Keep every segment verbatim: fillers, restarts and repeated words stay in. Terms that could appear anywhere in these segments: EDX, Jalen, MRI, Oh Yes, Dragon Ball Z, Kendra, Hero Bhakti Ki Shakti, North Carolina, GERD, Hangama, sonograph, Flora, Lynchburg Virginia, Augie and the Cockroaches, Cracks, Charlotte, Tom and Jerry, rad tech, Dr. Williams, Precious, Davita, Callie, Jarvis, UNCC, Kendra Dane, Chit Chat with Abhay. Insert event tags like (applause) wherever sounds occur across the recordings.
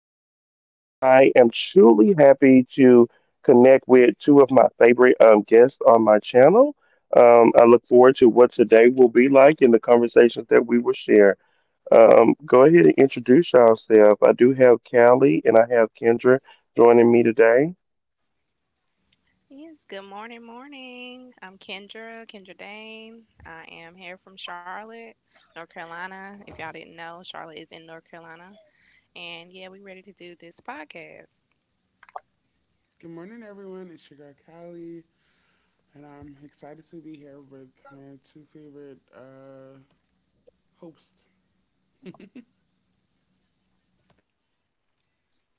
I am truly happy to connect with two of my favorite um, guests on my channel. Um, I look forward to what today will be like and the conversations that we will share. Um, go ahead and introduce yourself. I do have Callie and I have Kendra joining me today. Yes, good morning, morning. I'm Kendra, Kendra Dane. I am here from Charlotte, North Carolina. If y'all didn't know, Charlotte is in North Carolina. And yeah, we ready to do this podcast. Good morning, everyone. It's your girl Callie, and I'm excited to be here with my two favorite uh, hosts.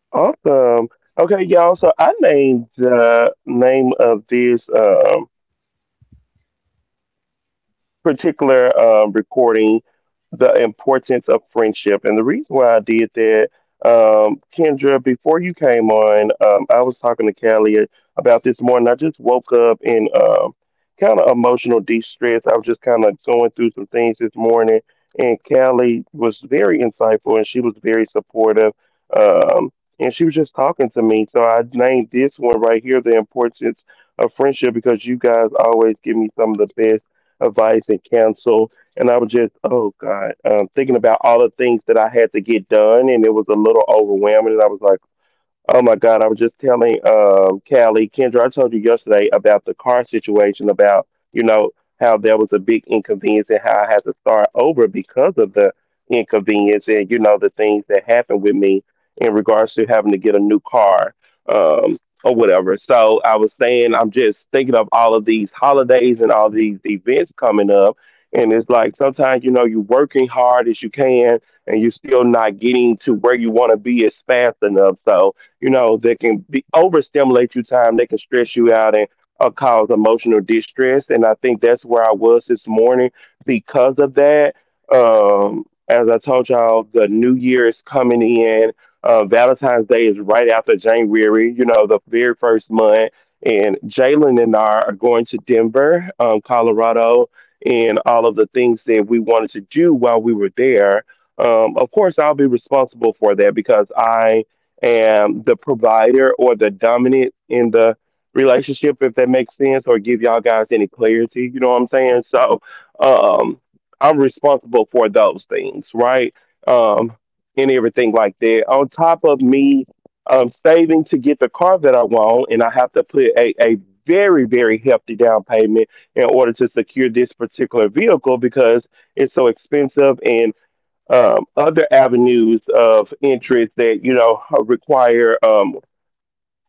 Awesome. Okay, y'all. So I named the name of this. Um, particular um, recording the importance of friendship. And the reason why I did that, um, Kendra, before you came on, um, I was talking to Callie about this morning. I just woke up in um, kind of emotional distress. I was just kind of going through some things this morning, and Callie was very insightful and she was very supportive. Um, and she was just talking to me. So I named this one right here, The Importance of Friendship, because you guys always give me some of the best advice and counsel. And I was just, oh God, um, thinking about all the things that I had to get done, and it was a little overwhelming. And I was like, oh my God, I was just telling um Callie, Kendra, I told you yesterday about the car situation, about, you know, how there was a big inconvenience and how I had to start over because of the inconvenience and, you know, the things that happened with me in regards to having to get a new car, um, or whatever. So I was saying I'm just thinking of all of these holidays and all these events coming up. And it's like sometimes, you know, you're working hard as you can and you're still not getting to where you want to be as fast enough. So you know, that can be overstimulate you time, they can stress you out and uh, cause emotional distress. And I think that's where I was this morning because of that. Um, as I told y'all, the new year is coming in. Uh, Valentine's Day is right after January, you know, the very first month. And Jalen and I are going to Denver, um, Colorado, and all of the things that we wanted to do while we were there. Um, of course, I'll be responsible for that because I and the provider or the dominant in the relationship, if that makes sense, or give y'all guys any clarity. You know what I'm saying? So, um, I'm responsible for those things, right? Um, and everything like that. On top of me um, saving to get the car that I want, and I have to put a, a very, very hefty down payment in order to secure this particular vehicle because it's so expensive and um, other avenues of interest that you know require um,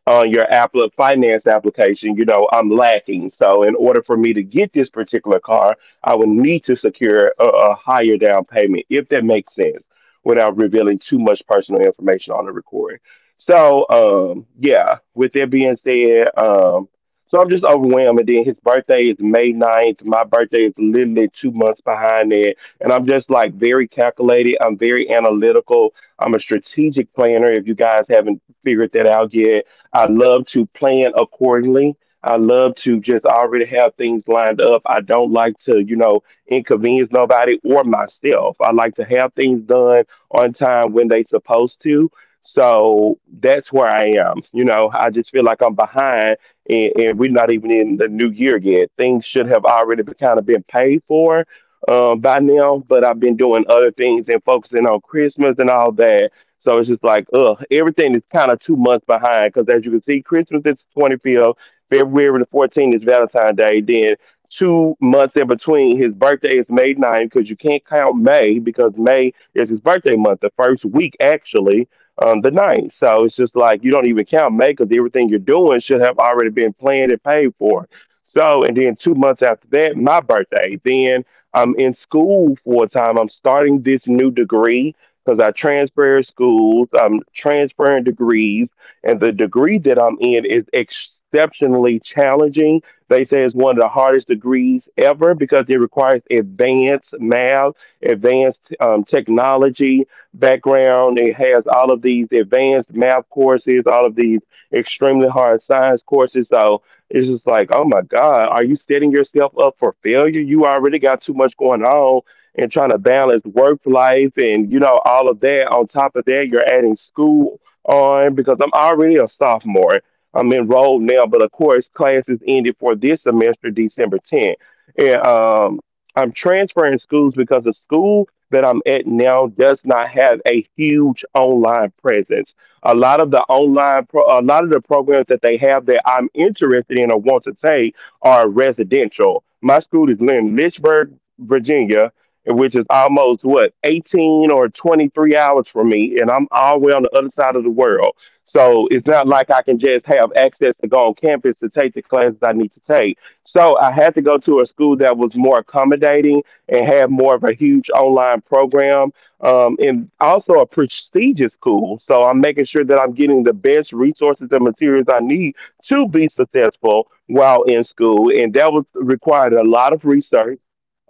on your Apple finance application, you know, I'm lacking. So in order for me to get this particular car, I would need to secure a, a higher down payment, if that makes sense, without revealing too much personal information on the recording. So um yeah, with that being said, um so I'm just overwhelmed. And then his birthday is May ninth. My birthday is literally two months behind that. And I'm just like very calculated. I'm very analytical. I'm a strategic planner. If you guys haven't figured that out yet, I love to plan accordingly. I love to just already have things lined up. I don't like to, you know, inconvenience nobody or myself. I like to have things done on time when they supposed to. So that's where I am. You know, I just feel like I'm behind and, and we're not even in the new year yet. Things should have already been kind of been paid for uh, by now, but I've been doing other things and focusing on Christmas and all that, so it's just like, ugh, everything is kind of two months behind because as you can see, Christmas is the twenty-fifth, February the fourteenth is Valentine's Day. Then two months in between, his birthday is May ninth, because you can't count May because May is his birthday month, the first week actually, um, the ninth. So it's just like you don't even count May because everything you're doing should have already been planned and paid for. So, and then two months after that, my birthday. Then I'm in school full time. I'm starting this new degree because I transferred schools, I'm transferring degrees, and the degree that I'm in is exceptionally challenging. They say it's one of the hardest degrees ever because it requires advanced math, advanced um, technology background. It has all of these advanced math courses, all of these extremely hard science courses. So it's just like, oh my God, are you setting yourself up for failure? You already got too much going on and trying to balance work life and you know all of that on top of that you're adding school on because I'm already a sophomore. I'm enrolled now, but of course classes ended for this semester December tenth, and um, I'm transferring schools because the school that I'm at now does not have a huge online presence. A lot of the online pro- a lot of the programs that they have that I'm interested in or want to take are residential. My school is in Lynchburg, Virginia, which is almost what, eighteen or twenty-three hours from me, and I'm all the way on the other side of the world. So it's not like I can just have access to go on campus to take the classes I need to take, so I had to go to a school that was more accommodating and had more of a huge online program, um, and also a prestigious school. So I'm making sure that I'm getting the best resources and materials I need to be successful while in school, and that was required a lot of research,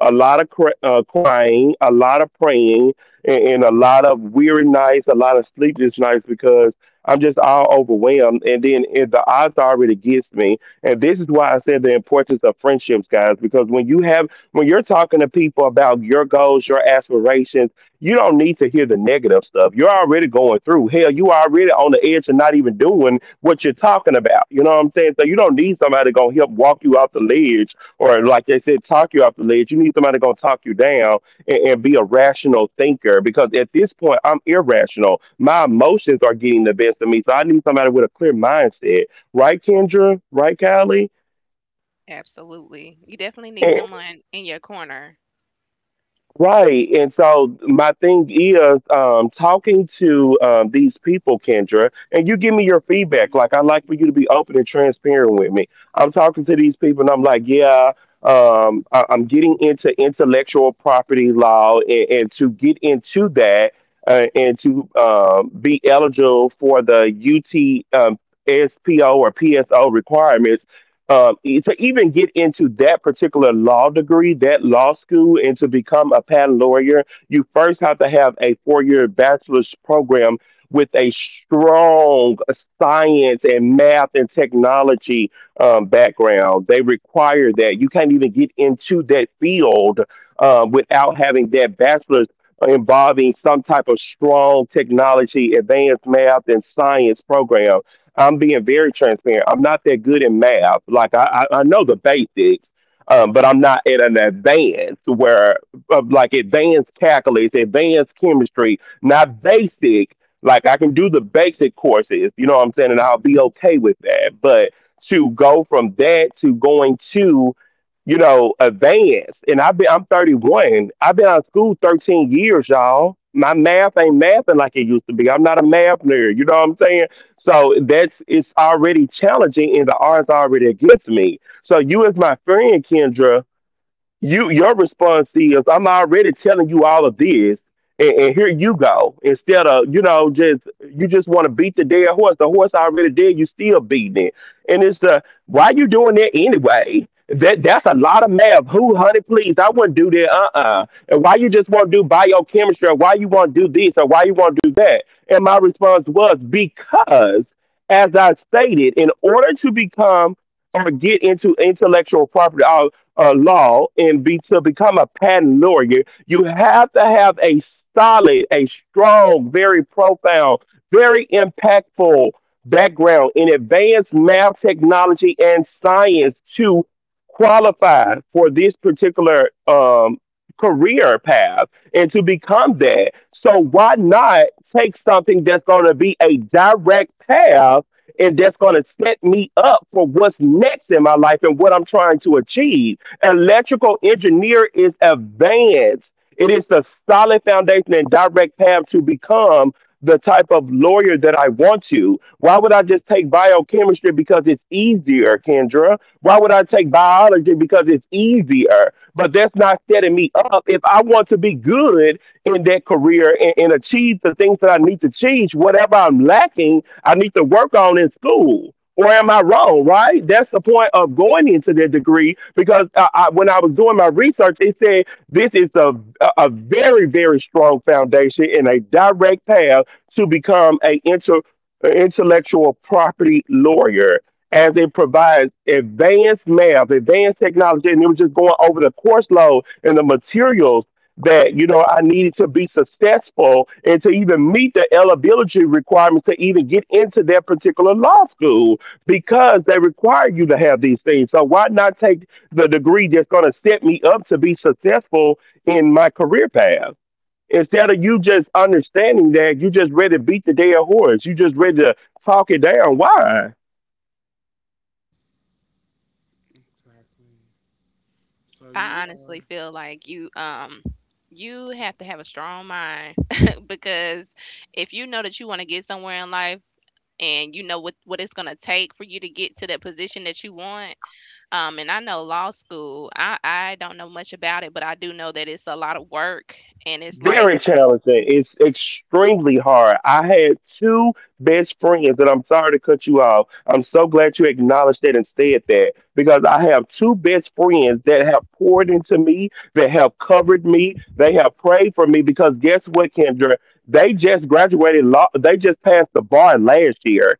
a lot of cr- uh, crying, a lot of praying, and, and a lot of weary nights, a lot of sleepless nights, because I'm just all overwhelmed. And then if the odds are already against me. And this is why I said the importance of friendships, guys, because when you have when you're talking to people about your goals, your aspirations, you don't need to hear the negative stuff. You're already going through hell. You are already on the edge of not even doing what you're talking about. You know what I'm saying? So you don't need somebody gonna help walk you off the ledge, or like they said, talk you off the ledge. You need somebody gonna talk you down and, and be a rational thinker, because at this point I'm irrational. My emotions are getting the best of me, so I need somebody with a clear mindset, right, Kendra? Right, Kylie? Absolutely. You definitely need And, someone in your corner. right. And so my thing is um, talking to um, these people, Kendra, and you give me your feedback. Like, I like for you to be open and transparent with me. I'm talking to these people and I'm like, yeah, um, I- I'm getting into intellectual property law. And, and to get into that uh, and to um, be eligible for the U T um, S P O or P S O requirements, um, e- to even get into that particular law degree, that law school, and to become a patent lawyer, you first have to have a four year bachelor's program with a strong science and math and technology um, background. They require that. You can't even get into that field uh, without having that bachelor's involving some type of strong technology, advanced math, and science program. I'm being very transparent. I'm not that good in math. Like I, I, I know the basics, um, but I'm not at an advanced where uh, like advanced calculus, advanced chemistry, not basic. Like I can do the basic courses, you know what I'm saying, and I'll be okay with that. But to go from that to going to, you know, advanced. And I've been, I'm thirty-one. I've been out of school thirteen years, y'all. My math ain't mathing like it used to be. I'm not a math nerd. You know what I'm saying? So that's, it's already challenging and the odds are already against me. So you, as my friend, Kendra, you your response is, I'm already telling you all of this and, and here you go. Instead of, you know just you just want to beat the dead horse. The horse already dead, you still beating it. And it's uh why you doing that anyway? That that's a lot of math. Who? Honey, please, I wouldn't do that. Uh-uh. And why you just want to do biochemistry, or why you want to do this, or why you want to do that? And my response was, because, as I stated, in order to become or get into intellectual property uh, law and be to become a patent lawyer, you have to have a solid, a strong, very profound, very impactful background in advanced math, technology, and science to qualify for this particular um, career path and to become that. So why not take something that's going to be a direct path and that's going to set me up for what's next in my life and what I'm trying to achieve? Electrical engineer is advanced. It is the solid foundation and direct path to become the type of lawyer that I want to. Why would I just take biochemistry because it's easier, Kendra? Why would I take biology because it's easier? But that's not setting me up. If I want to be good in that career and, and achieve the things that I need to achieve, whatever I'm lacking, I need to work on in school. Or am I wrong, right? That's the point of going into the degree, because I, I, when I was doing my research, it said this is a, a very, very strong foundation and a direct path to become a inter, intellectual property lawyer, as it provides advanced math, advanced technology. And it was just going over the course load and the materials that, you know, I needed to be successful and to even meet the eligibility requirements to even get into that particular law school, because they require you to have these things. So why not take the degree that's going to set me up to be successful in my career path? Instead of, you just understanding, that you just ready to beat the dead horse. You just ready to talk it down. Why? Exactly. So I you honestly are. feel like you um you have to have a strong mind (laughs) because if you know that you want to get somewhere in life and you know what what it's going to take for you to get to that position that you want. Um, and I know law school, I, I don't know much about it, but I do know that it's a lot of work and it's like, Very challenging. It's extremely hard. I had two best friends, and I'm sorry to cut you off. I'm so glad you acknowledged that and said that, because I have two best friends that have poured into me, that have covered me, they have prayed for me. Because guess what, Kendra? They just graduated law. They just passed the bar last year,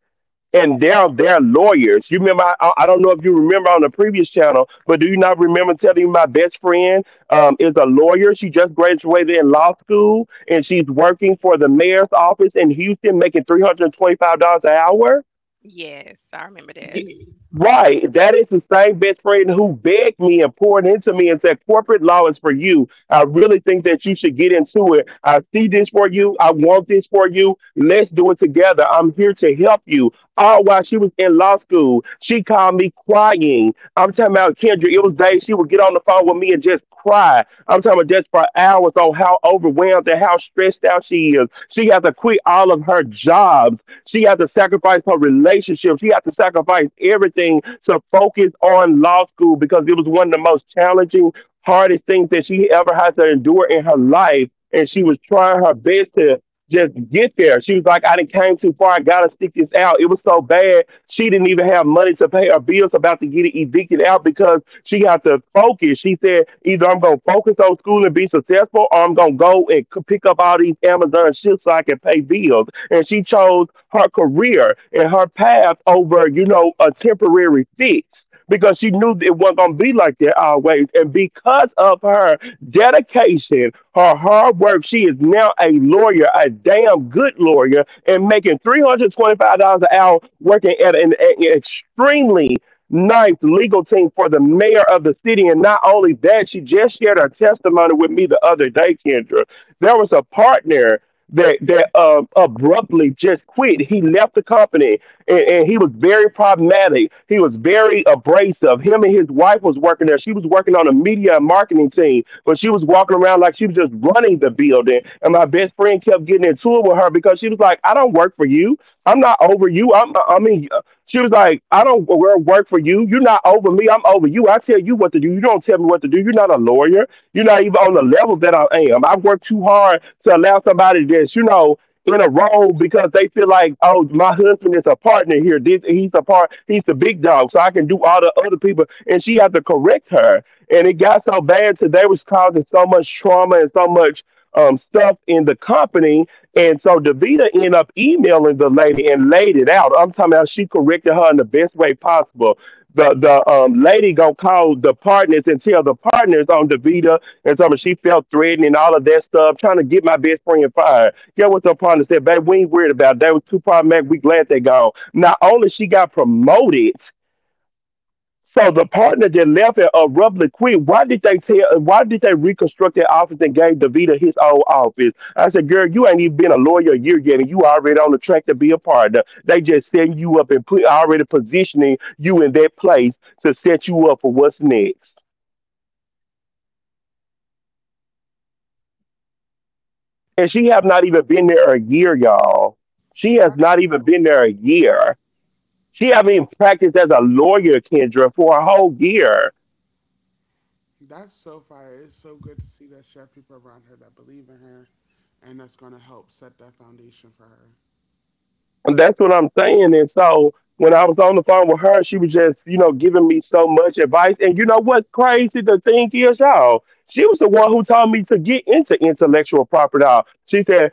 and they're their lawyers. You remember? I, I don't know if you remember on the previous channel, but do you not remember telling you my best friend um, is a lawyer? She just graduated in law school, and she's working for the mayor's office in Houston, making three hundred twenty-five dollars an hour. yes, I remember that. Right. That is the same best friend who begged me and poured into me and said, corporate law is for you. I really think that you should get into it. I see this for you. I want this for you. Let's do it together. I'm here to help you. All while she was in law school, she called me crying. I'm talking about, Kendra, it was days she would get on the phone with me and just cry. I'm talking about just for hours on how overwhelmed and how stressed out she is. She has to quit all of her jobs. She had to sacrifice her relationship. She had to sacrifice everything to focus on law school, because it was one of the most challenging, hardest things that she ever had to endure in her life. And she was trying her best to just get there. She was like, I didn't came too far. I gotta stick this out. It was so bad. She didn't even have money to pay her bills, about to get it evicted out, because she had to focus. She said, either I'm gonna focus on school and be successful, or I'm gonna go and c- pick up all these Amazon shit so I can pay bills. And she chose her career and her path over, you know, a temporary fix, because she knew it wasn't going to be like that always. And because of her dedication, her hard work, she is now a lawyer, a damn good lawyer, and making three hundred twenty-five dollars an hour working at an, an extremely nice legal team for the mayor of the city. And not only that, she just shared her testimony with me the other day, Kendra. There was a partner that that uh, abruptly just quit. He left the company, and, and he was very problematic. He was very abrasive. Him and his wife was working there. She was working on a media and marketing team, but she was walking around like she was just running the building. And my best friend kept getting into it with her, because she was like, "I don't work for you. I'm not over you. I'm I mean." uh," She was like, I don't wo- work for you. You're not over me. I'm over you. I tell you what to do. You don't tell me what to do. You're not a lawyer. You're not even on the level that I am. I work too hard to allow somebody that's, you know, in a role because they feel like, oh, my husband is a partner here. This, he's a part, he's the big dog, so I can do all the other people. And she had to correct her. And it got so bad to they was causing so much trauma and so much um, stuff in the company. And so Davita ended up emailing the lady and laid it out. I'm talking about, she corrected her in the best way possible. The the um lady gonna call the partners and tell the partners on Davita. And so, I mean, she felt threatened and all of that stuff, trying to get my best friend fired. Get what's her partner said, babe, we ain't worried about that. With two problematic, we glad they gone. Not only she got promoted, so the partner that left and abruptly quit, why did they tell, why did they reconstruct that office and gave DeVita his old office? I said, girl, you ain't even been a lawyer a year yet, and you already on the track to be a partner. They just setting you up and put already positioning you in that place to set you up for what's next. And she have not even been there a year, y'all. She has That's not even been there a year. She haven't even practiced as a lawyer, Kendra, for a whole year. that's so fire. It's so good to see that she have people around her that believe in her, and that's going to help set that foundation for her. And that's what I'm saying. And so when I was on the phone with her, she was just, you know, giving me so much advice. And you know what's crazy? The thing is, y'all, she was the one who told me to get into intellectual property law. She said,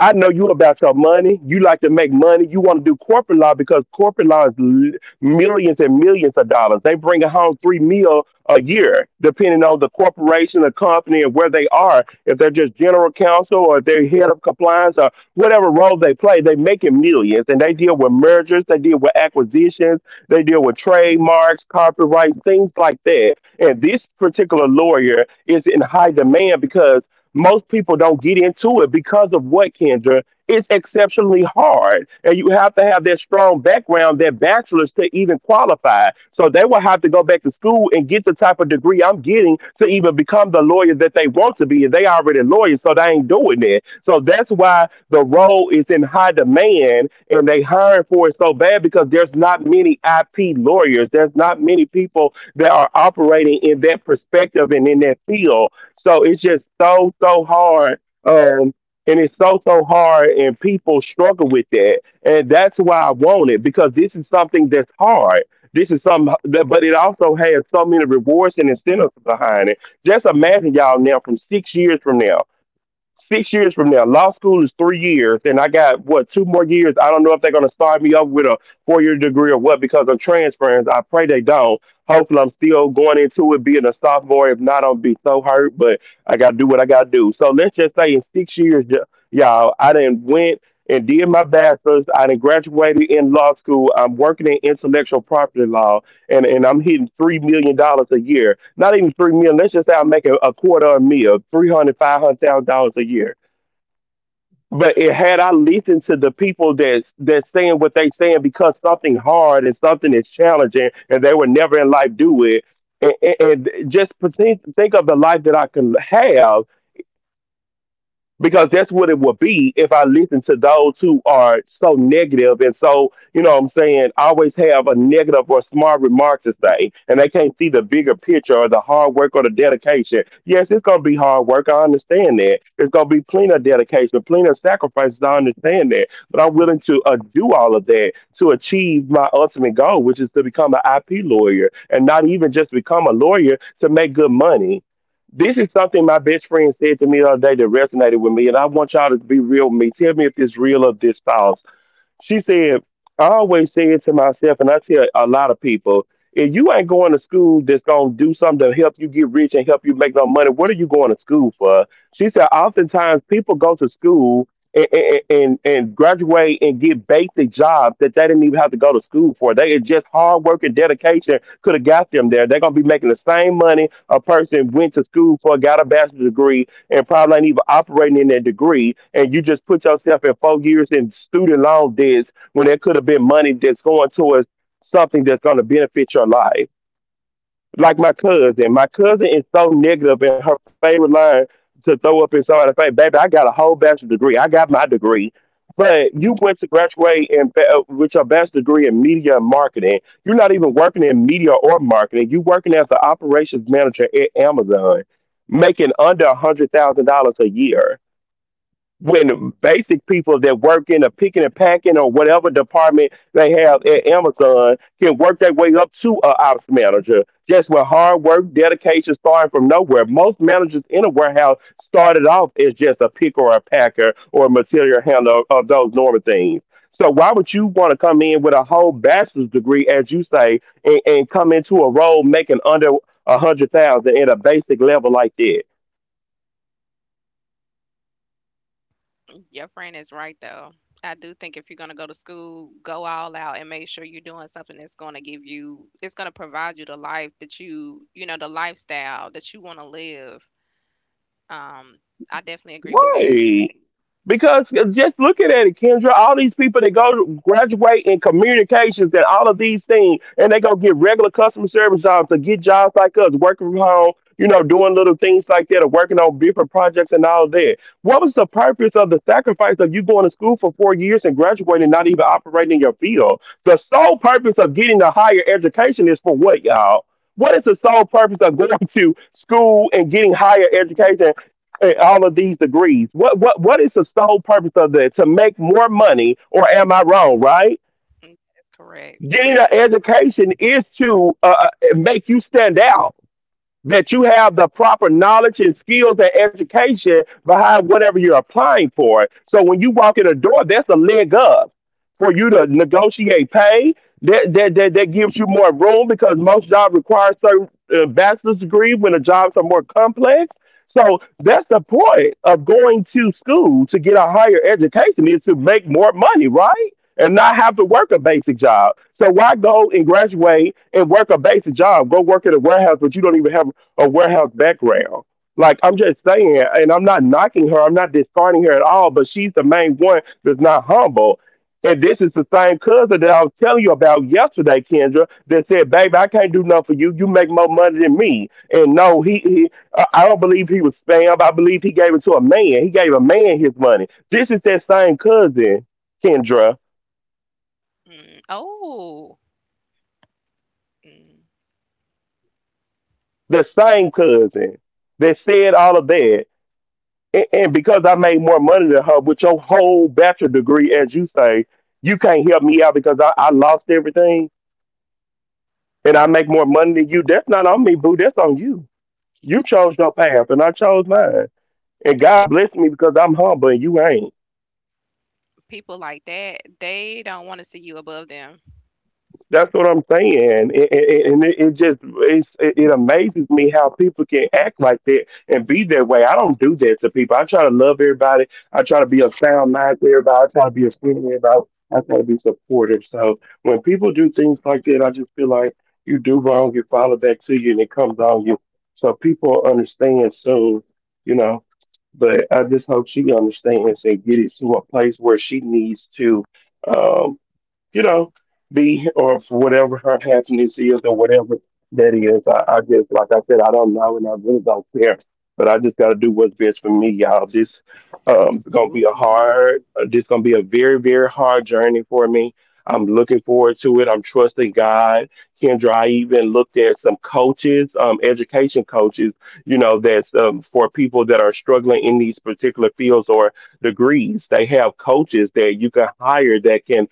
I know you about your money. You like to make money. You want to do corporate law, because corporate law is l- millions and millions of dollars. They bring home three mil a year, depending on the corporation, the company, and where they are. If they're just general counsel, or if they're head of compliance, or whatever role they play, they making millions. And they deal with mergers, they deal with acquisitions, they deal with trademarks, copyrights, things like that. And this particular lawyer is in high demand, because most people don't get into it because of what, Kendra? It's exceptionally hard. And you have to have that strong background, that bachelor's, to even qualify. So they will have to go back to school and get the type of degree I'm getting to even become the lawyer that they want to be. And they already lawyers, so they ain't doing that. So that's why the role is in high demand and they hiring for it so bad, because there's not many I P lawyers. There's not many people that are operating in that perspective and in that field. So it's just so so hard. Um, and it's so so hard, and people struggle with that, and that's why I want it, because this is something that's hard. This is something that, but it also has so many rewards and incentives behind it. Just imagine, y'all, now from six years from now, six years from now. Law school is three years, and I got what, two more years. I don't know if they're gonna start me up with a four year degree or what, because I'm transferring. I pray they don't. Hopefully, I'm still going into it being a sophomore. If not, I'll be so hurt. But I gotta do what I gotta do. So let's just say in six years, y- y'all, I done went and did my bachelor's. I done graduated in law school. I'm working in intellectual property law, and, and I'm hitting three million dollars a year. Not even three million. Let's just say I'm making a quarter a meal, three hundred, five hundred thousand dollars a year. But it, had I listened to the people that's that's saying what they saying, because something hard and something is challenging, and they would never in life do it. And, and, and just pretend, think of the life that I can have because that's what it would be if I listen to those who are so negative and so, you know what I'm saying, always have a negative or smart remark to say, and they can't see the bigger picture or the hard work or the dedication. Yes, it's going to be hard work. I understand that. It's going to be plenty of dedication, plenty of sacrifices. I understand that. But I'm willing to uh, do all of that to achieve my ultimate goal, which is to become an I P lawyer and not even just become a lawyer to make good money. This is something my best friend said to me the other day that resonated with me, and I want y'all to be real with me. Tell me if it's real or this false. She said, I always say it to myself, and I tell a lot of people, if you ain't going to school that's going to do something to help you get rich and help you make no money, what are you going to school for? She said, oftentimes people go to school and, and, and, and graduate and get basic jobs that they didn't even have to go to school for. They it's just hard work and dedication could have got them there. They're going to be making the same money a person went to school for, got a bachelor's degree, and probably ain't even operating in that degree. And you just put yourself in four years in student loan debts when there could have been money that's going towards something that's going to benefit your life like my cousin. My cousin is so negative, and her favorite line to throw up in somebody's face, "Baby, I got a whole bachelor degree. I got my degree." But you went to graduate and uh, with your bachelor degree in media and marketing. You're not even working in media or marketing. You're working as the operations manager at Amazon, making under a hundred thousand dollars a year when basic people that work in a picking and packing or whatever department they have at Amazon can work their way up to a ops manager. Just with hard work, dedication, starting from nowhere. Most managers in a warehouse started off as just a picker or a packer or a material handler of those normal things. So why would you want to come in with a whole bachelor's degree, as you say, and, and come into a role making under a hundred thousand at a basic level like that? Your friend is right though. I do think if you're going to go to school, go all out and make sure you're doing something that's going to give you, it's going to provide you the life that you, you know, the lifestyle that you want to live. Um, I definitely agree with that. Right. Because uh, just looking at it, Kendra, all these people that go to graduate in communications and all of these things, and they go get regular customer service jobs or get jobs like us, working from home, you know, doing little things like that or working on different projects and all that. What was the purpose of the sacrifice of you going to school for four years and graduating and not even operating in your field? The sole purpose of getting a higher education is for what, y'all? What is the sole purpose of going (laughs) to school and getting higher education eh, all of these degrees. What what what is the sole purpose of that? To make more money, or am I wrong? Right? Mm, that's correct. Getting an education is to uh, uh, make you stand out that you have the proper knowledge and skills and education behind whatever you're applying for. So when you walk in the door, that's a leg up for you to negotiate pay. That that that, that gives you more room because most jobs require certain uh, bachelor's degree when the jobs are more complex. So that's the point of going to school to get a higher education is to make more money, right? And not have to work a basic job. So why go and graduate and work a basic job. Go work at a warehouse, but you don't even have a warehouse background. Like I'm just saying, and I'm not knocking her, I'm not discarding her at all, but she's the main one that's not humble. And this is the same cousin that I was telling you about yesterday, Kendra, that said, "Baby, I can't do nothing for you. You make more money than me." And no, he, he I I don't believe he was spammed. I believe he gave it to a man. He gave a man his money. This is that same cousin, Kendra, Mm. Oh, mm. the same cousin that said all of that and, and because I made more money than her, with your whole bachelor degree, as you say, you can't help me out because I, I lost everything and I make more money than you. That's not on me, boo. That's on you. You chose you your path and I chose mine. And God pe- blessed me because I'm humble and you ain't. People like that, they don't want to see you above them. That's what I'm saying, and, and it, it just it's, it, it amazes me how people can act like that and be that way. I don't do that to people. I try to love everybody. I try to be a sound mind to everybody. I try to be a friend to everybody. I try to be supportive. So when people do things like that, I just feel like you do wrong, you follow back to you, and it comes on you. So people understand soon, you know. But I just hope she understands and get it to a place where she needs to. um, you know, be or for whatever her happiness is or whatever that is. I, I just, like I said, I don't know and I really don't care. But I just got to do what's best for me, y'all. This um gonna be a Absolutely. hard. uh, This gonna be a very, very hard journey for me. I'm looking forward to it. I'm trusting God. Kendra, I even looked at some coaches, um, education coaches, you know, that's um, for people that are struggling in these particular fields or degrees. They have coaches that you can hire that can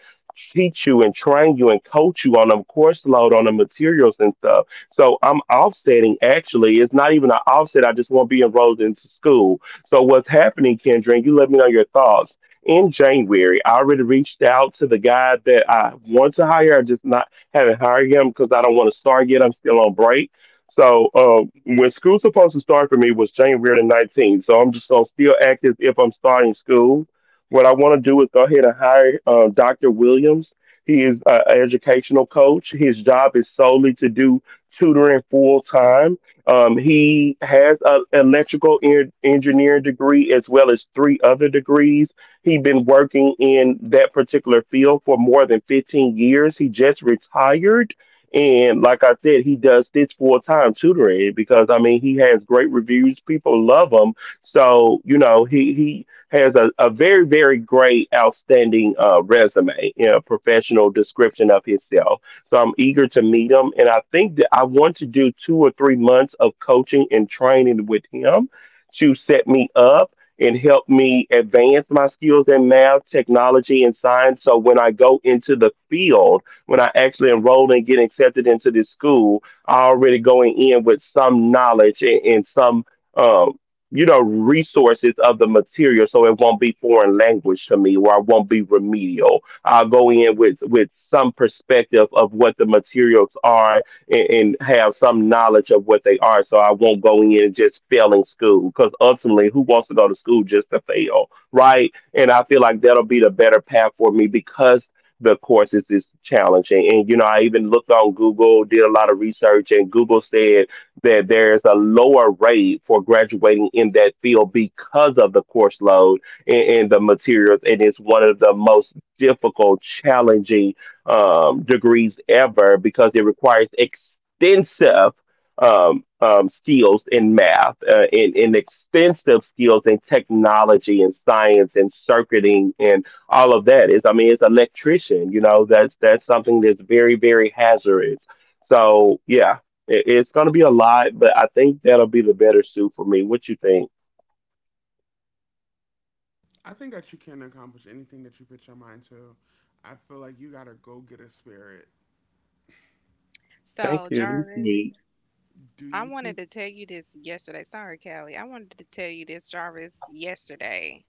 teach you and train you and coach you on them course load on the materials and stuff. So I'm offsetting actually. It's not even an offset. I just want to be enrolled into school. So what's happening, Kendra, and you let me know your thoughts. In January, I already reached out to the guy that I want to hire. I just not haven't hired him because I don't want to start yet. I'm still on break. So um, when school's supposed to start for me was January the nineteenth. So I'm just gonna still act as if I'm starting school. What I want to do is go ahead and hire uh, doctor Williams. He is an educational coach. His job is solely to do tutoring full time. Um, he has an electrical en- engineering degree as well as three other degrees. He's been working in that particular field for more than fifteen years. He just retired. And like I said, he does this full time tutoring because I mean he has great reviews. People love him. So you know he he has a, a very, very great, outstanding uh, resume, you know, professional description of himself. So I'm eager to meet him. And I think that I want to do two or three months of coaching and training with him to set me up and help me advance my skills in math, technology, and science. So when I go into the field, when I actually enroll and get accepted into this school, I already going in with some knowledge and, and some um, you know, resources of the material so it won't be foreign language to me or I won't be remedial. I'll go in with, with some perspective of what the materials are and, and have some knowledge of what they are so I won't go in just failing school because ultimately who wants to go to school just to fail, right? And I feel like that'll be the better path for me because the courses is challenging. And, you know, I even looked on Google, did a lot of research and Google said that there's a lower rate for graduating in that field because of the course load and, and the materials. And it's one of the most difficult, challenging um, degrees ever because it requires extensive um, um, skills in math, uh, in, in extensive skills in technology and science and circuiting and all of that. Is I mean, it's electrician. You know, that's that's something that's very very hazardous. So yeah, it- it's going to be a lot, but I think that'll be the better suit for me. What you think? I think that you can accomplish anything that you put your mind to. I feel like you got to go get a spirit. Thank So, you. Jarvis, Do I you think wanted to tell you this yesterday. Sorry, Callie. I wanted to tell you this, Jarvis, yesterday.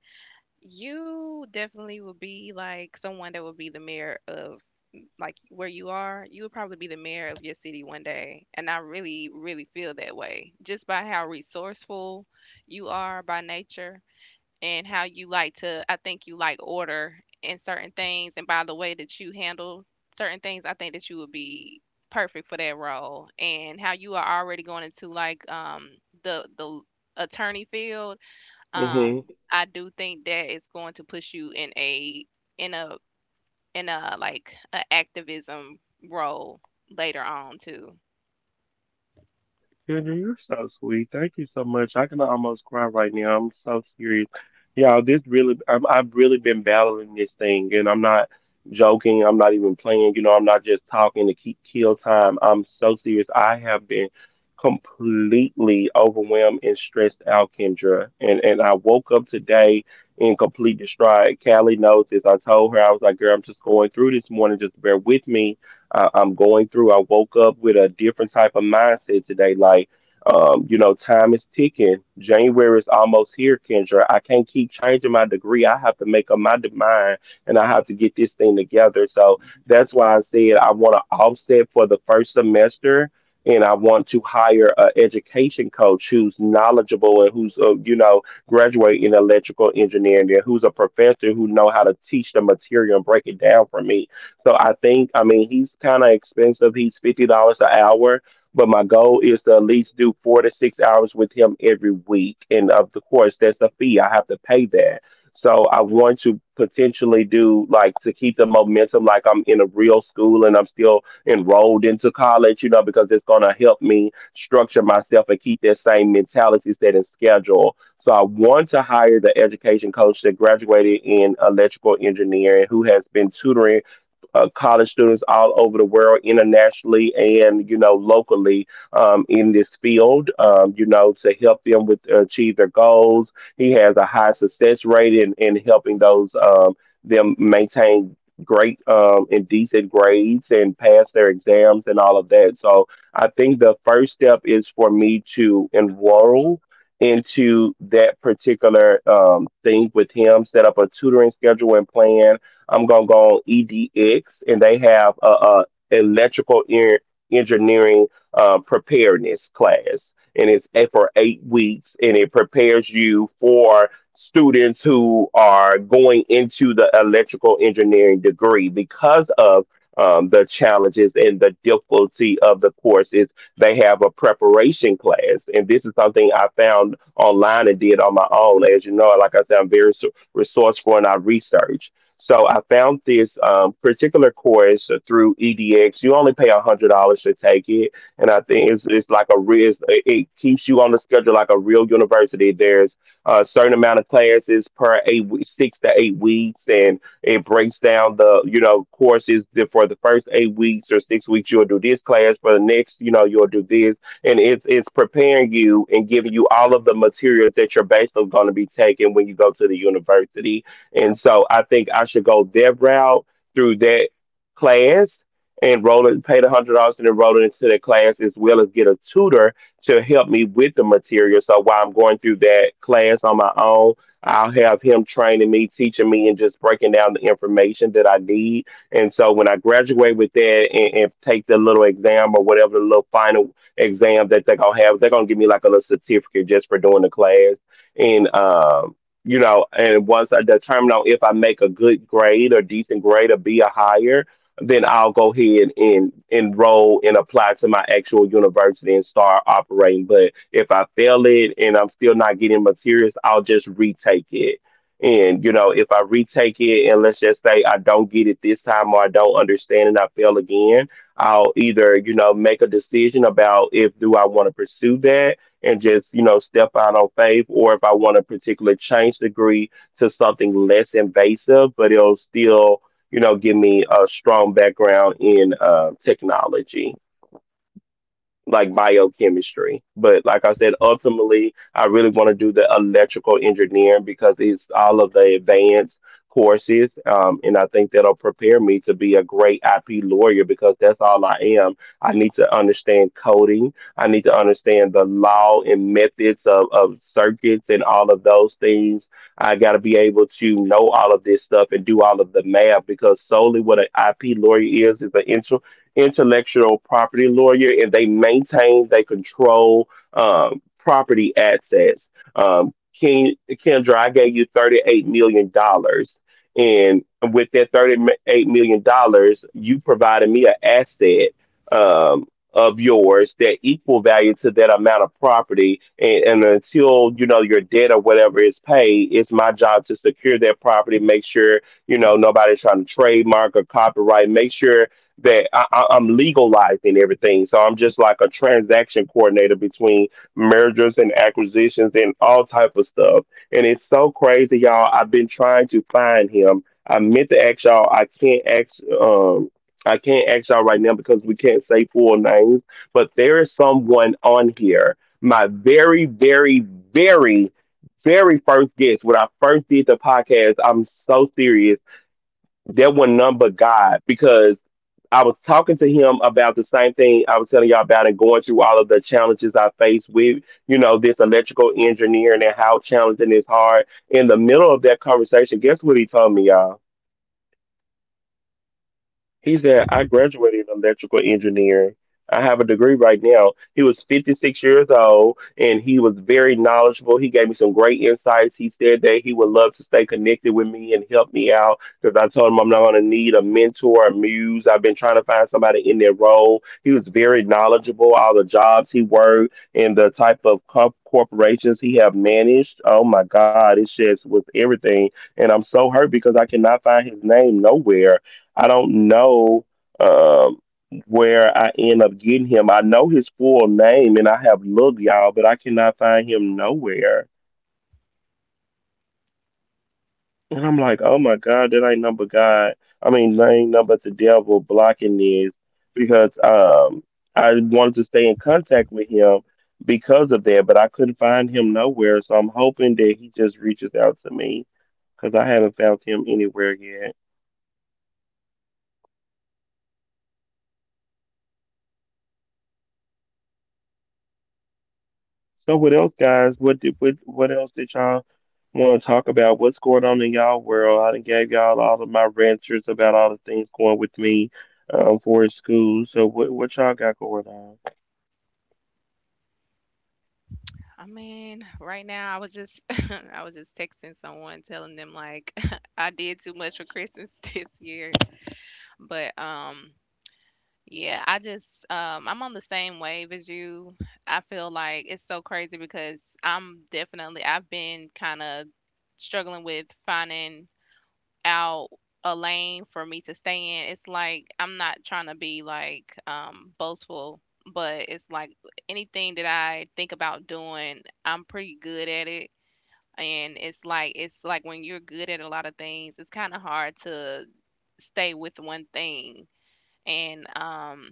You definitely would be like someone that would be the mayor of like where you are. You would probably be the mayor of your city one day. And I really, really feel that way just by how resourceful you are by nature and how you like to, I think you like order in certain things, and by the way that you handle certain things, I think that you would be perfect for that role. And how you are already going into like um the the attorney field. Um Mm-hmm. I do think that it's going to push you in a in a in a like a activism role later on too. Kendra, you're so sweet. Thank you so much. I can almost cry right now. I'm so serious. Y'all, this really, I'm, I've really been battling this thing, and I'm not joking. I'm not even playing. You know, I'm not just talking to keep kill time. I'm so serious. I have been completely overwhelmed and stressed out, Kendra. And and I woke up today in complete distraught. Callie knows this. I told her, I was like, girl, I'm just going through this morning. Just bear with me. I, I'm going through. I woke up with a different type of mindset today. Like, um, you know, time is ticking. January is almost here, Kendra. I can't keep changing my degree. I have to make up my de- mind, and I have to get this thing together. So that's why I said I want to offset for the first semester. And I want to hire an education coach who's knowledgeable and who's, uh, you know, graduate in electrical engineering and who's a professor who know how to teach the material and break it down for me. So I think, I mean, he's kind of expensive. He's fifty dollars an hour, but my goal is to at least do four to six hours with him every week. And of the course, that's a fee. I have to pay that. So I want to potentially do, like, to keep the momentum, like I'm in a real school and I'm still enrolled into college, you know, because it's gonna help me structure myself and keep that same mentality set and schedule. So I want to hire the education coach that graduated in electrical engineering who has been tutoring uh, college students all over the world, internationally and you know locally, um, in this field. Um, you know to help them with, uh, achieve their goals. He has a high success rate in, in helping those, um, them maintain great, um, and decent grades and pass their exams and all of that. So I think the first step is for me to enroll into that particular, um, thing with him, set up a tutoring schedule and plan. I'm gonna go on E D X, and they have a, a electrical en- engineering, uh, preparedness class, and it's eight- for eight weeks, and it prepares you for students who are going into the electrical engineering degree because of, um, the challenges and the difficulty of the course is they have a preparation class. And this is something I found online and did on my own. As you know, like I said, I'm very s- resourceful, and I research. So I found this, um, particular course through E D X. You only pay a hundred dollars to take it, and I think it's it's like a real— it's- it keeps you on the schedule like a real university. There's a certain amount of classes per eight we- six to eight weeks, and it breaks down the, you know courses, that for the first eight weeks or six weeks you'll do this class, for the next, you know you'll do this, and it's it's preparing you and giving you all of the materials that you're basically going to be taking when you go to the university. And so I think I should go their route through that class and roll it, pay the hundred dollars and enroll it into that class as well as get a tutor to help me with the material. So while I'm going through that class on my own, I'll have him training me, teaching me, and just breaking down the information that I need. And so when I graduate with that and, and take the little exam, or whatever the little final exam that they're gonna have, they're gonna give me like a little certificate just for doing the class. And um you know, and once I determine on if I make a good grade or decent grade or be a higher, then I'll go ahead and enroll and apply to my actual university and start operating. But if I fail it and I'm still not getting materials, I'll just retake it. And you know, if I retake it and let's just say I don't get it this time or I don't understand and I fail again, I'll either, you know, make a decision about if do I want to pursue that and just, you know, step out on faith, or if I want a particular change degree to something less invasive, but it'll still, you know, give me a strong background in, uh, technology, like biochemistry. But like I said, ultimately, I really want to do the electrical engineering because it's all of the advanced courses. Um, and I think that'll prepare me to be a great I P lawyer because that's all I am. I need to understand coding, I need to understand the law and methods of, of circuits and all of those things. I got to be able to know all of this stuff and do all of the math because solely what an I P lawyer is is an intro intellectual property lawyer, and they maintain, they control, um, property assets. Um, Ken, Kendra, I gave you thirty-eight million dollars dollars. And with that thirty-eight million dollars, dollars, you provided me an asset, um, of yours that equal value to that amount of property. And, and until, you know, your debt or whatever is paid, it's my job to secure that property, make sure, you know, nobody's trying to trademark or copyright, make sure that I, I, I'm legalizing everything. So I'm just like a transaction coordinator between mergers and acquisitions and all type of stuff. And it's so crazy, y'all. I've been trying to find him. I meant to ask y'all. I can't ask. Um, I can't ask y'all right now because we can't say full names. But there is someone on here. My very, very, very, very first guest. When I first did the podcast, I'm so serious. There was none but God because I was talking to him about the same thing I was telling y'all about and going through all of the challenges I faced with, you know, this electrical engineering and how challenging it's hard. In the middle of that conversation, guess what he told me, y'all? He said, I graduated in electrical engineering. I have a degree right now. He was fifty-six years old and he was very knowledgeable. He gave me some great insights. He said that he would love to stay connected with me and help me out because I told him I'm not going to need a mentor, a muse. I've been trying to find somebody in their role. He was very knowledgeable, all the jobs he worked and the type of co- corporations he have managed. Oh my God, it's just was everything. And I'm so hurt because I cannot find his name nowhere. I don't know, um, where I end up getting him. I know his full name and I have looked, y'all, but I cannot find him nowhere. And I'm like, oh my God, that ain't number God. I mean, that ain't number the devil blocking this because, um, I wanted to stay in contact with him because of that, but I couldn't find him nowhere. So I'm hoping that he just reaches out to me because I haven't found him anywhere yet. So what else, guys? What did what what else did y'all want to talk about? What's going on in y'all world? I done gave y'all all of my ranters about all the things going with me, um, for school. So what what y'all got going on? I mean, right now I was just (laughs) I was just texting someone telling them like (laughs) I did too much for Christmas (laughs) this year. But um yeah, I just um I'm on the same wave as you. I feel like it's so crazy because I'm definitely I've been kind of struggling with finding out a lane for me to stay in. It's like I'm not trying to be like um boastful, but it's like anything that I think about doing, I'm pretty good at it. And it's like, it's like when you're good at a lot of things, it's kind of hard to stay with one thing. And um,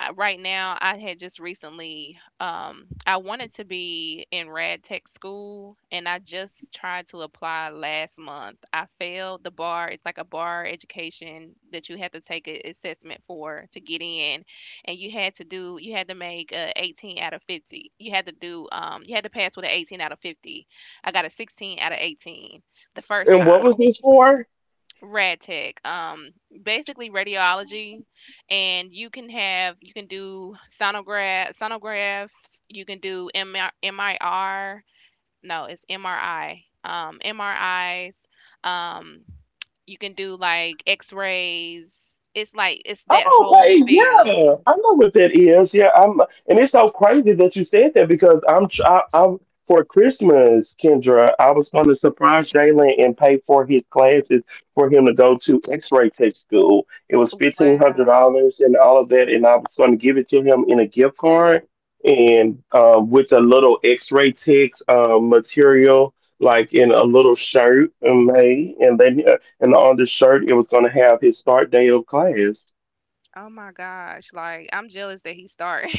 I- right now i had just recently um I wanted to be in rad tech school and I just tried to apply last month. I failed the bar. It's like a bar education that you have to take an assessment for to get in. And you had to do, you had to make a eighteen out of fifty. You had to do um you had to pass with an eighteen out of fifty. I got a sixteen out of eighteen the first And time. what was this for? Rad tech, um, basically radiology. And you can have, you can do sonograph sonographs, you can do M R, no, it's M R I, um, M R Is, um, you can do like X-rays. It's like it's that Oh, okay, whole field. yeah, I know what that is. Yeah, I'm, and it's so crazy that you said that because I'm, tr- I, I'm for Christmas, Kendra. I was going to surprise Jalen and pay for his classes for him to go to X-ray tech school. It was fifteen hundred Wow. dollars and all of that, and I was going to give it to him in a gift card and, uh, with a little X-ray tech, uh, material. Like, in a little shirt, and made, and then, uh, and on the shirt it was going to have his start day of class. Oh my gosh, like I'm jealous that he started.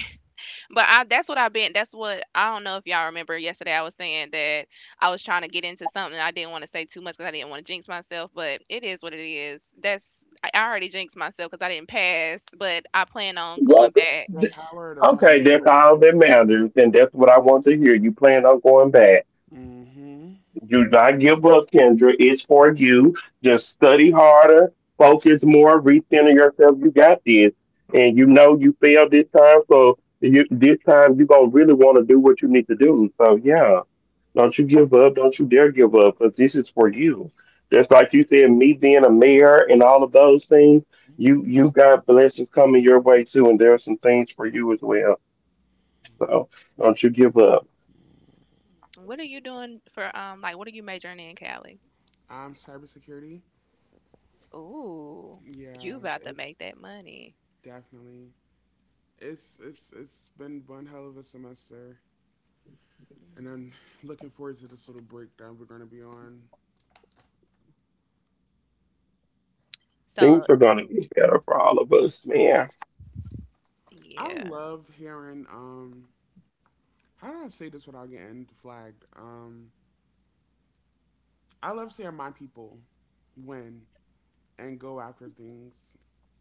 But I, that's what I've been, that's what — I don't know if y'all remember yesterday I was saying that I was trying to get into something. I didn't want to say too much because I didn't want to jinx myself, but it is what it is. That's — I I already jinxed myself because I didn't pass, but I plan on Well, going th- back. the th- power of the tongue okay, is that's all right that matters, and that's what I want to hear. You plan on going back. there? Mm-hmm. Do not give up, Kendra. It's for you. Just study harder, focus more, recenter yourself. You got this, and you know you failed this time, so, you, this time you're gonna really want to do what you need to do. So yeah. Don't you give up. Don't you dare give up because this is for you. Just like you said, me being a mayor and all of those things, you you got blessings coming your way too, and there are some things for you as well. So don't you give up. What are you doing for um like what are you majoring in, Callie? Um, cybersecurity. Ooh, you Yeah, about to it's make that money. definitely it's it's it's been one hell of a semester, and I'm Mm. (laughs) looking forward to this little breakdown we're gonna be on. So Things are gonna be better for all of us, man. I yeah. love hearing um how do I say this without getting flagged? Um, I love seeing my people win and go after things.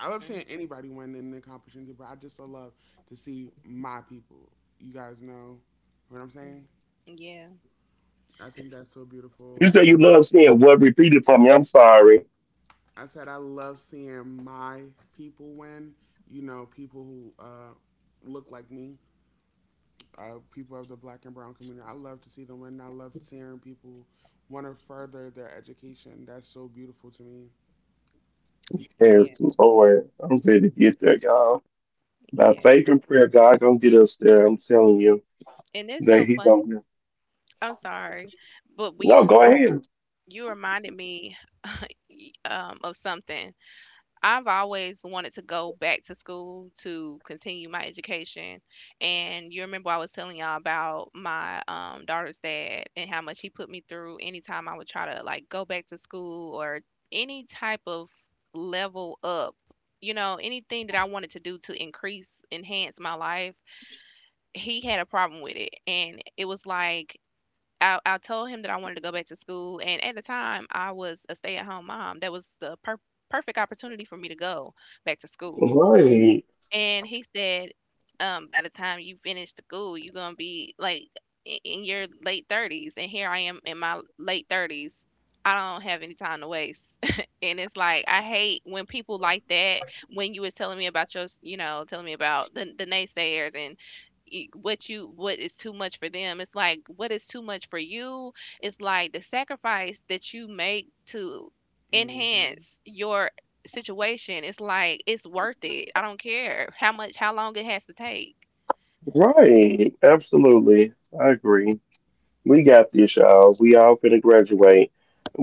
I love seeing Mm. anybody win and accomplish anything, but I just so love to see my people. You guys know what I'm saying? Mm. Yeah, I think that's so You beautiful. say you love seeing what? Repeated for me. I'm sorry. I said I love seeing my people win. You know, people who uh, look like me, uh, people of the Black and Brown community. I love to see them win. I love seeing people want to further their education. That's so beautiful to me. Yes, yeah, Lord, I'm ready to get there, y'all. By yeah. faith and prayer, God gonna get us there. I'm telling you And it's that so He funny. gonna. I'm sorry. But when No, you go ahead. you reminded me y- um, of something. I've always wanted to go back to school to continue my education. And you remember I was telling y'all about my um, daughter's dad and how much he put me through anytime I would try to like go back to school or any type of level up. You know, anything that I wanted to do to increase, enhance my life, he had a problem with it. And it was like I, I told him that I wanted to go back to school, and at the time, I was a stay-at-home mom. That was the per- perfect opportunity for me to go back to school. Right. And he said, um, by the time you finish school, you're gonna be like i- in your late thirties, and here I am in my late thirties. I don't have any time to waste. (laughs) And it's like I hate when people like that. When you was telling me about your, s- you know, telling me about the the naysayers and y- what you — what is too much for them, it's like what is too much for you. It's like the sacrifice that you make to Hmm. enhance your situation, it's like it's worth it. I don't care how much, how long it has to take. Right, absolutely. I agree. We got this, y'all. We all finna graduate.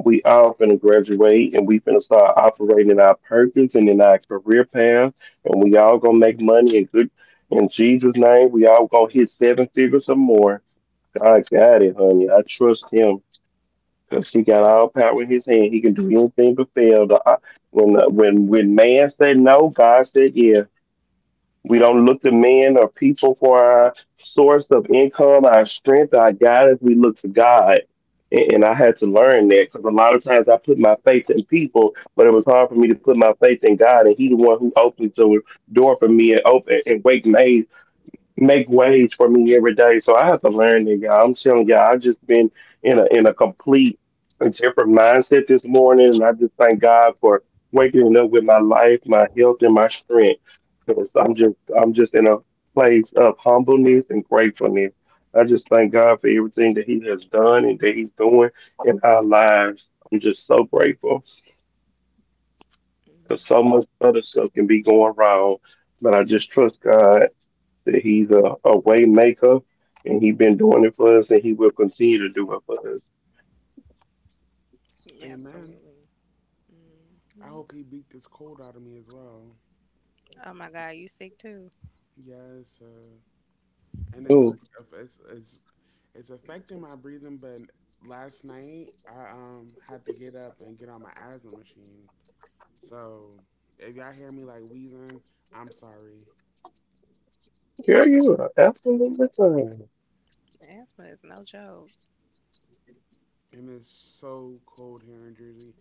We all finna graduate and we finna start operating in our purpose and in our career path. And we all gonna make money and good in Jesus' name. We all gonna hit seven figures or more. God got it, honey. I trust Him because he got all power in his hand. He can do anything but fail. The, uh, when uh, when when man said no, God said yeah. We don't look to men or people for our source of income, our strength, our guidance. We look to God. And and I had to learn that Hmm. because a lot of times I put my faith in people, but it was hard for me to put my faith in God. And He, the one who opened the door for me and open and wake me make ways for me every day. So I have to learn that, y'all. I'm telling y'all, I've just been in a in a complete different mindset this morning, and I just thank God for waking up with my life, my health, and my strength. Because I'm just I'm just in a place of humbleness and gratefulness. I just thank God for everything that He has done and that He's doing in our lives. I'm just so grateful because Mm, so much other stuff can be going wrong, but I just trust God that he's a, a way maker and he's been doing it for us and he will continue to do it for us. yeah, Amen. absolutely. I Hmm. hope he beat this cold out of me as well. Oh my God, you sick too. Yes, uh, and it's like Dude, if it's, it's it's affecting my breathing. But last night I um had to get up and get on my asthma machine, so if y'all hear me like wheezing, I'm sorry. carry you absolutely fine. Asthma is no joke. And it's so cold here in Jersey.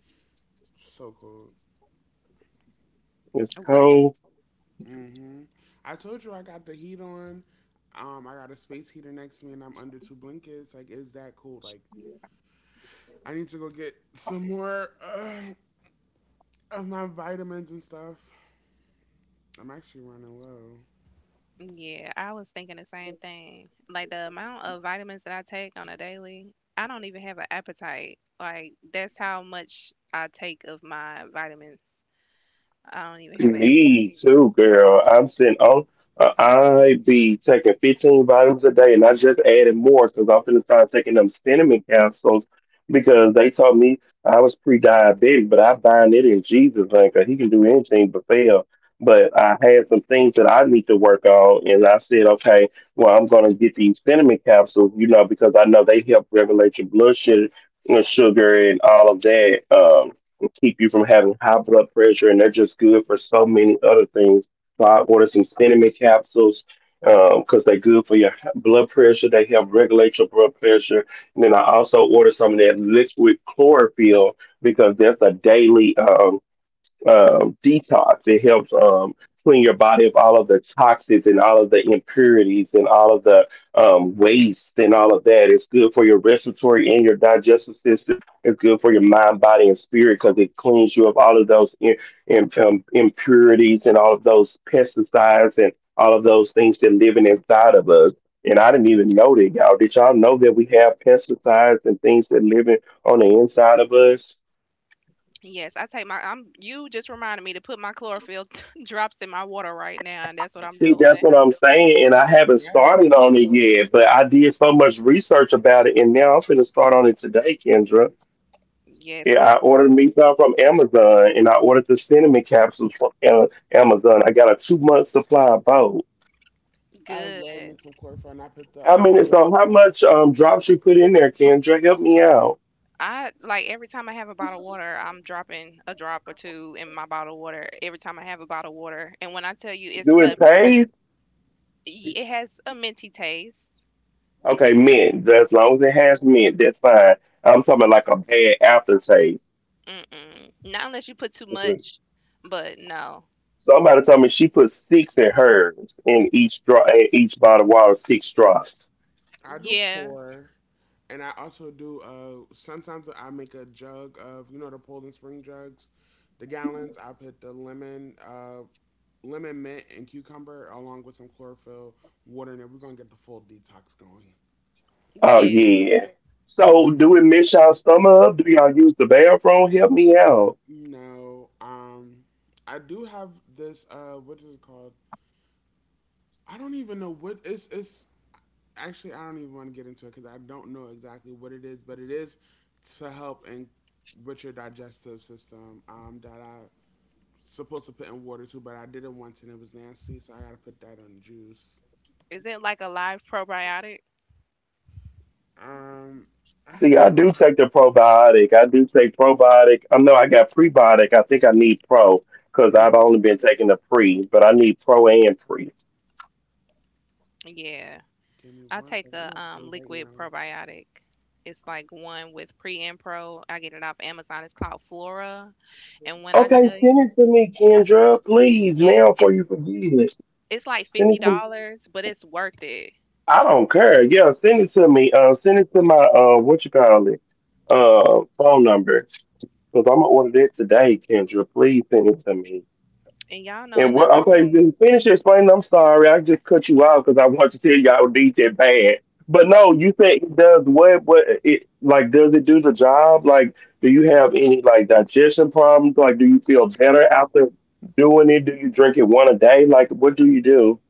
So cold. It's What? cold. Mm-hmm. I told you I got the heat on. Um, I got a space heater next to me and I'm under two blankets. Like, is that cool? Like, I need to go get some more uh, of my vitamins and stuff. I'm actually running low. Yeah, I was thinking the same thing. Like the amount of vitamins that I take on a daily, I don't even have an appetite. Like that's how much I take of my vitamins. I don't even have an app. Me too, girl. I'm sitting on. Uh, I be taking fifteen vitamins a day, and I just added more because I'm finna start taking them cinnamon capsules because they told me I was pre-diabetic, but I bind it in Jesus' name 'cause He can do anything but fail. But I had some things that I need to work on, and I said, okay, well, I'm gonna get these cinnamon capsules, you know, because I know they help regulate your blood sugar, sugar and all of that. Um, and keep you from having high blood pressure, and they're just good for so many other things. So I ordered some cinnamon capsules because they're good for your h- blood pressure. They help regulate your blood pressure. And then I also ordered some of that liquid chlorophyll because that's a daily. Um, um, detox. It helps um, clean your body of all of the toxins and all of the impurities and all of the um, waste and all of that. It's good for your respiratory and your digestive system. It's good for your mind, body, and spirit because it cleans you of all of those in, in, um, impurities and all of those pesticides and all of those things that living inside of us. And I didn't even know that, y'all. Did y'all know that we have pesticides and things that living on the inside of us? Yes, I take my. I'm. You just reminded me to put my chlorophyll (laughs) drops in my water right now, and that's what I'm See, doing. that's what I'm saying, and I Yes, haven't started yes. on it yet, but I did so much research about it, and now I'm finna start on it today, Kendra. Yes, Yeah, when I I ordered me some from Amazon, and I ordered the cinnamon capsules from uh, Amazon. I got a two month supply of both. I good. love me some chlorophyll. And I put the How um, many? So, how much um drops you put in there, Kendra? Help me out. I like every time I have a bottle of water, I'm dropping a drop or two in my bottle of water every time I have a bottle of water. And when I tell you it's Do a, it taste? it has a minty taste. Okay, mint. As long as it has mint, that's fine. I'm talking about like a bad aftertaste. Mm-mm. Not unless you put too much, but no. Somebody told me she put six in hers in each draw in each bottle of water, six drops. I do Yeah. four, and I also do. Uh, sometimes I make a jug of, you know, the Poland Spring jugs, the gallons. I put the lemon, uh, lemon mint and cucumber along with some chlorophyll water in it. We're gonna get the full detox going. Oh Yeah. yeah. So do it mess y'all stomach up? Do y'all use the bathroom? Help me out. No, um, I do have this. Uh, what is it called? I don't even know what it's. It's actually, I don't even want to get into it because I don't know exactly what it is, but it is to help and with your digestive system. Um, that I supposed to put in water too, but I did it once and it was nasty, so I gotta put that on juice. Is it like a live probiotic? Um, I, See, I do take the probiotic. I do take probiotic. I know I got prebiotic. I think I need pro because I've mm, only been taking the pre, but I need pro and pre. Yeah. give me I one take second. I'm a about to tell you um right liquid now. probiotic. It's like one with pre and pro. I get it off Amazon. It's called Flora. And when I Okay, tell send you, it to me, Kendra, please yes, now before it's — you forget it. it's like Send it to me. fifty dollars but it's worth it. I don't care. Yeah, send it to me. Uh, send it to my uh, what you call it, Oh. uh, phone number. Cause I'm gonna order that today, Kendra. Please send it to me. And y'all know And what? another Okay, thing? then finish explaining. I'm sorry, I just cut you off because I want to tell you I would need that bad. But no, you said it does what? What it like? Does it do the job? Like, do you have any like digestion problems? Like, do you feel better after doing it? Do you drink it one a day? Like, what do you do?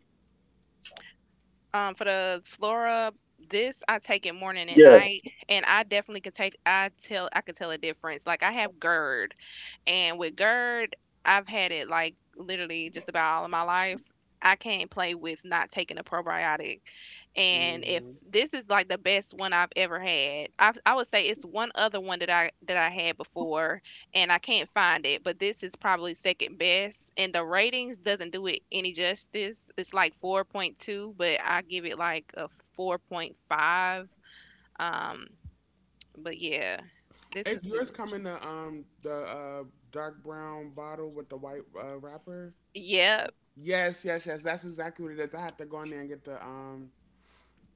Um, for the Flora, this I take it morning and Yeah. night, and I definitely could take. I tell, I could tell a difference. Like I have GERD, and with GERD, I've had it like literally just about all of my life. I can't play with not taking a probiotic. And if Mm-hmm. this is like the best one I've ever had, I I would say it's one other one that I that I had before, and I can't find it, but this is probably second best, and the ratings doesn't do it any justice. It's like four point two, but I give it like a four point five. Um, but yeah, this is It, yours really come in the um the uh dark brown bottle with the white uh, wrapper. yep, Yes, yes, yes. That's exactly what it is. I had to go in there and get the um.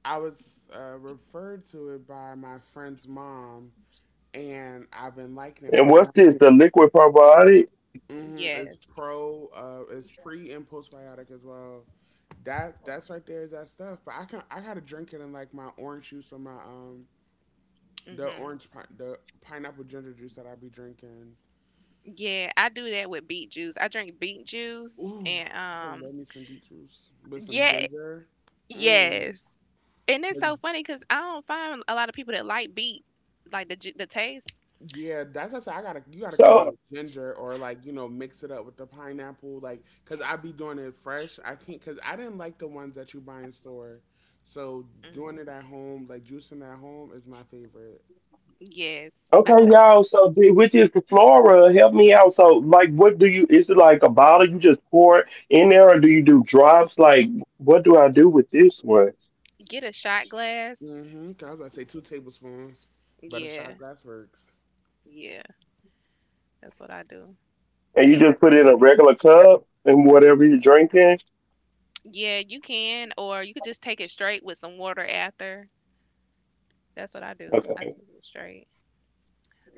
I was uh, referred to it by my friend's mom, and I've been liking it. And what's this? The liquid probiotic? Hmm. It's yes, pro. Uh, it's pre and postbiotic as well. That, that's right there is that stuff. But I can, I gotta drink it in like my orange juice or my um the hmm orange pi- the pineapple ginger juice that I be drinking. yeah. I do that with beet juice. I drink beet juice, Ooh, and I um, love me some beet juice with some yeah, ginger. Mm. yes. And it's 'Cause so funny because I don't find a lot of people that like beet, like the ju- the taste. yeah, that's what I said. I gotta you gotta cut it So with ginger or, like, you know, mix it up with the pineapple, like, because I be doing it fresh. I can't because I didn't like the ones that you buy in store, so Mm. doing it at home, like juicing at home, is my favorite. Yes, I okay, gotta y'all. So the- with this flora, help me out. So like, what do you? Is it like a bottle you just pour it in there, or do you do drops? Like, what do I do with this one? get a shot glass. Mm-hmm. I was about to say two tablespoons, but a shot Yeah, glass works. yeah, that's what I do. And you And I, just put it in a regular cup and whatever you're drinking. yeah, you can, or you could just take it straight with some water after. That's what I do. I Okay. take it straight.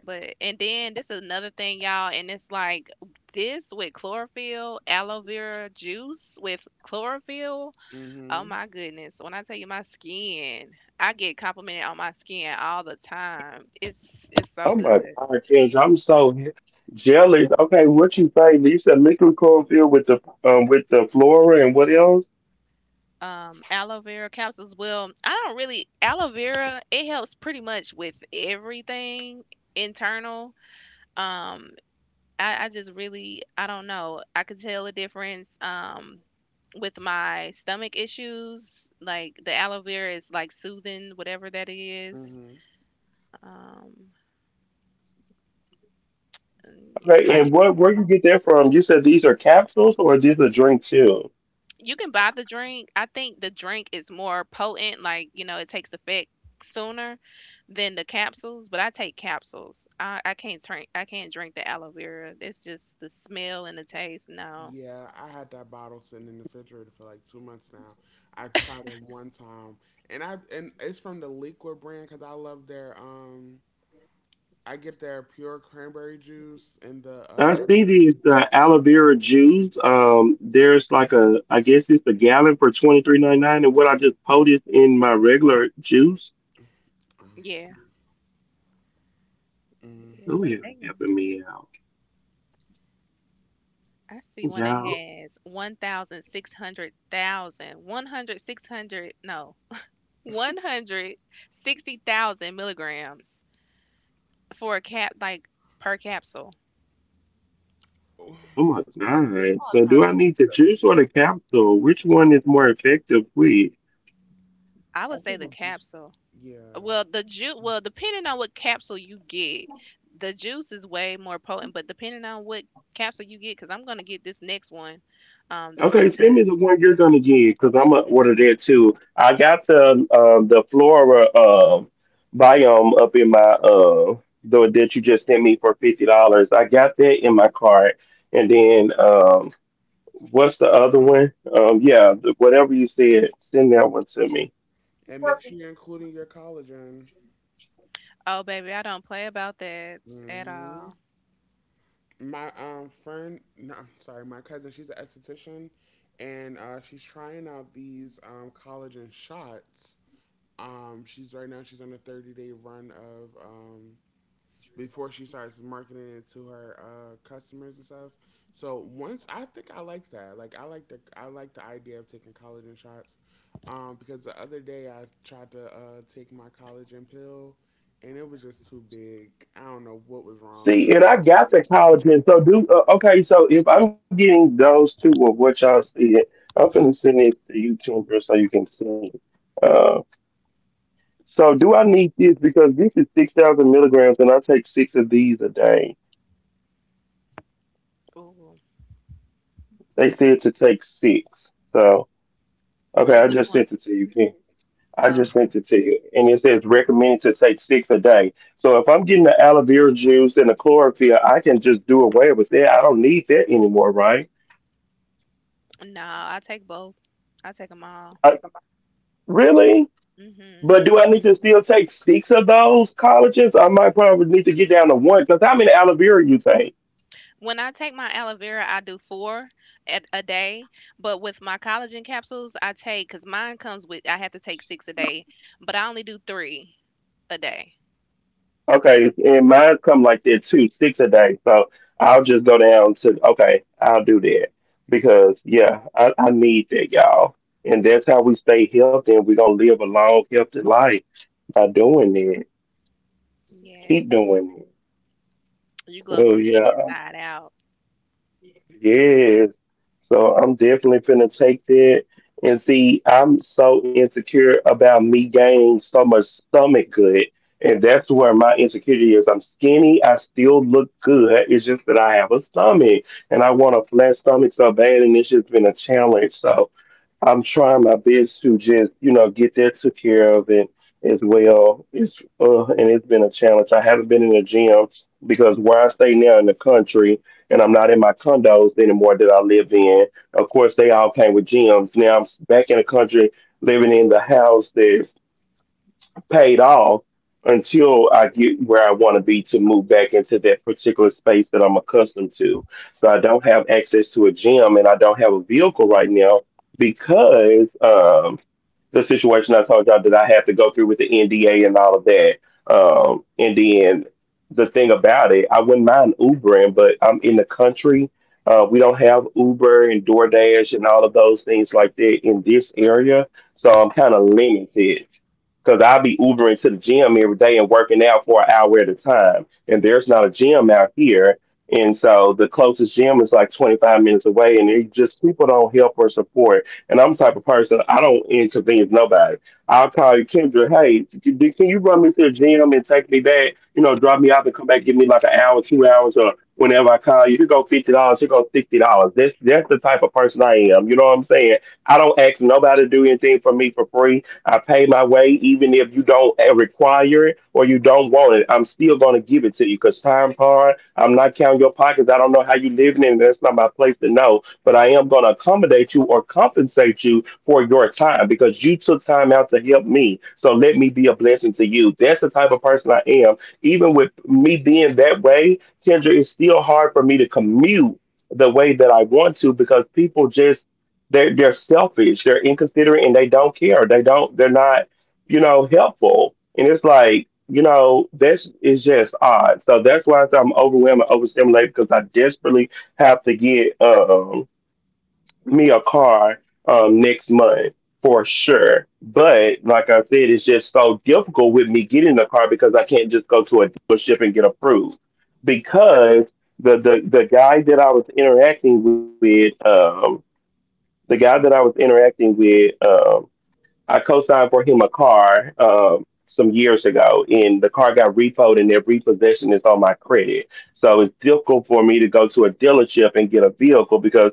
But and then this is another thing, y'all, and it's like this with chlorophyll, aloe vera juice with chlorophyll. Oh Mm-hmm. my goodness. When I tell you my skin, I get complimented on my skin all the time. It's it's so I'm like, good. I I'm so he- jealous. Okay, what you say? You said liquid cornfield with the um with the flora and what else? Um, aloe vera capsules. Well, I don't really — aloe vera, it helps pretty much with everything internal. Um, I, I just really I don't know. I could tell the difference. Um with my stomach issues, like the aloe vera is like soothing, whatever that is. Mm-hmm. Um, and yeah, my — Okay, and what where you get that from? You said these are capsules or these are drink too? you can buy the drink. I think the drink is more potent, like, you know, it takes effect sooner than the capsules, but I take capsules. I, I can't drink, I can't drink the aloe vera. It's just the smell and the taste. No. Yeah, I had that bottle sitting in the refrigerator for like two months now. I tried it one time, and I, and it's from the Liqua brand because I love their um, I get their pure cranberry juice and the. I Uh, see these uh, aloe vera juice. Um, there's like a, I guess it's a gallon for twenty three ninety nine, and what I just poured is in my regular juice. Yeah. mm, Oh Yeah. yeah, Dang. helping me out, I see one that y'all. has one million six hundred thousand, one hundred, no, one hundred sixty thousand milligrams for a cap, like per capsule. oh, Oh my maybe God! I'll So do try. I need the juice or the capsule? Which one is more effective? With? I the- I would say think the it's just capsule. yeah, Well, the juice, well, depending on what capsule you get, the juice is way more potent. But depending on what capsule you get, because I'm gonna get this next one, um, the one Okay, send me that — the one you're gonna get because I'm gonna order that too. I got the um the flora uh, biome up in my uh the that you just sent me for fifty dollars. I got that in my cart, and then um what's the other one? Um yeah, the, whatever you said, send that one to me. and make sure you're including your collagen. oh baby, I don't play about that at Hmm. all. My um friend, no, I'm sorry, my cousin. She's an esthetician, and uh, she's trying out these um collagen shots. Um, she's right now she's on a thirty day run of um before she starts marketing it to her uh, customers and stuff. So once I think I like that. Like, I like the I like the idea of taking collagen shots. Um, because the other day I tried to uh, take my collagen pill and it was just too big. I don't know what was wrong. See, and I got the collagen. So do uh, okay. So if I'm getting those two or what y'all said, I'm gonna send it to you, Tinder, so you can see. Uh, So do I need this because this is six thousand milligrams and I take six of these a day. Ooh, They said to take six. So oh okay, I which just one? sent it to you, Ken. I Oh, just sent it to you. And it says recommended to take six a day. So if I'm getting the aloe vera juice and the chlorophyll, I can just do away with that. I don't need that anymore, right? no, I take both. I take them all. I, really? Hmm. But do I need to still take six of those collagens? I might probably need to get down to one because how many aloe vera you take? When I take my aloe vera, I do four at a day. But with my collagen capsules, I take because mine comes with, I have to take six a day, but I only do three a day. Okay, and mine come like that too, six a day. So I'll just go down to okay, I'll do that because yeah, I, I need that, y'all. And that's how we stay healthy, and we're gonna live a long, healthy life by doing it. Keep Yes. doing You it. glow Oh from the yeah. inside out. Yes. So I'm definitely finna take that. And see, I'm so insecure about me gaining so much stomach good. And that's where my insecurity is. I'm skinny. I still look good. It's just that I have a stomach and I want a flat stomach so bad. And it's just been a challenge. So I'm trying my best to just, you know, get that took care of and as well. It's uh, And it's been a challenge. I haven't been in the gym because where I stay now in the country and I'm not in my condos anymore that I lived in. Of course, they all came with gyms. Now I'm back in the country living in the house that paid off until I get where I want to be to move back into that particular space that I'm accustomed to. So I don't have access to a gym and I don't have a vehicle right now because um, the situation I told y'all that I have to go through with the N D A and all of that. Um, and then the thing about it, I wouldn't mind Ubering, but I'm in the country. Uh, we don't have Uber and DoorDash and all of those things like that in this area. So I'm kind of limited because I'll be Ubering to the gym every day and working out for an hour at a time. And there's not a gym out here. And so the closest gym is like twenty-five minutes away. And it just people don't help or support. And I'm the type of person, I don't inconvenience nobody. I'll call you, Kendra, hey, d- d- can you run me to the gym and take me back? You know, drop me off and come back, give me like an hour, two hours, or whenever I call you. You go fifty dollars you go sixty dollars. That's, that's the type of person I am. You know what I'm saying? I don't ask nobody to do anything for me for free. I pay my way, even if you don't eh, require it or you don't want it. I'm still going to give it to you because time's hard. I'm not counting your pockets. I don't know how you living, and that's not my place to know. But I am going to accommodate you or compensate you for your time because you took time out to help me. So let me be a blessing to you. That's the type of person I am. Even with me being that way, Kendra, it's still hard for me to commute the way that I want to because people just they're they're selfish, they're inconsiderate, and they don't care. They don't. They're not, you know, Helpful. And it's like, you know, this is just odd. So that's why I say I'm overwhelmed and overstimulated because I desperately have to get um me a car um next month for sure. But like I said, it's just so difficult with me getting a car because I can't just go to a dealership and get approved because the the the guy that I was interacting with, um the guy that I was interacting with, um, I co-signed for him a car um, some years ago, and the car got repoed, and their repossession is on my credit. So it's difficult for me to go to a dealership and get a vehicle because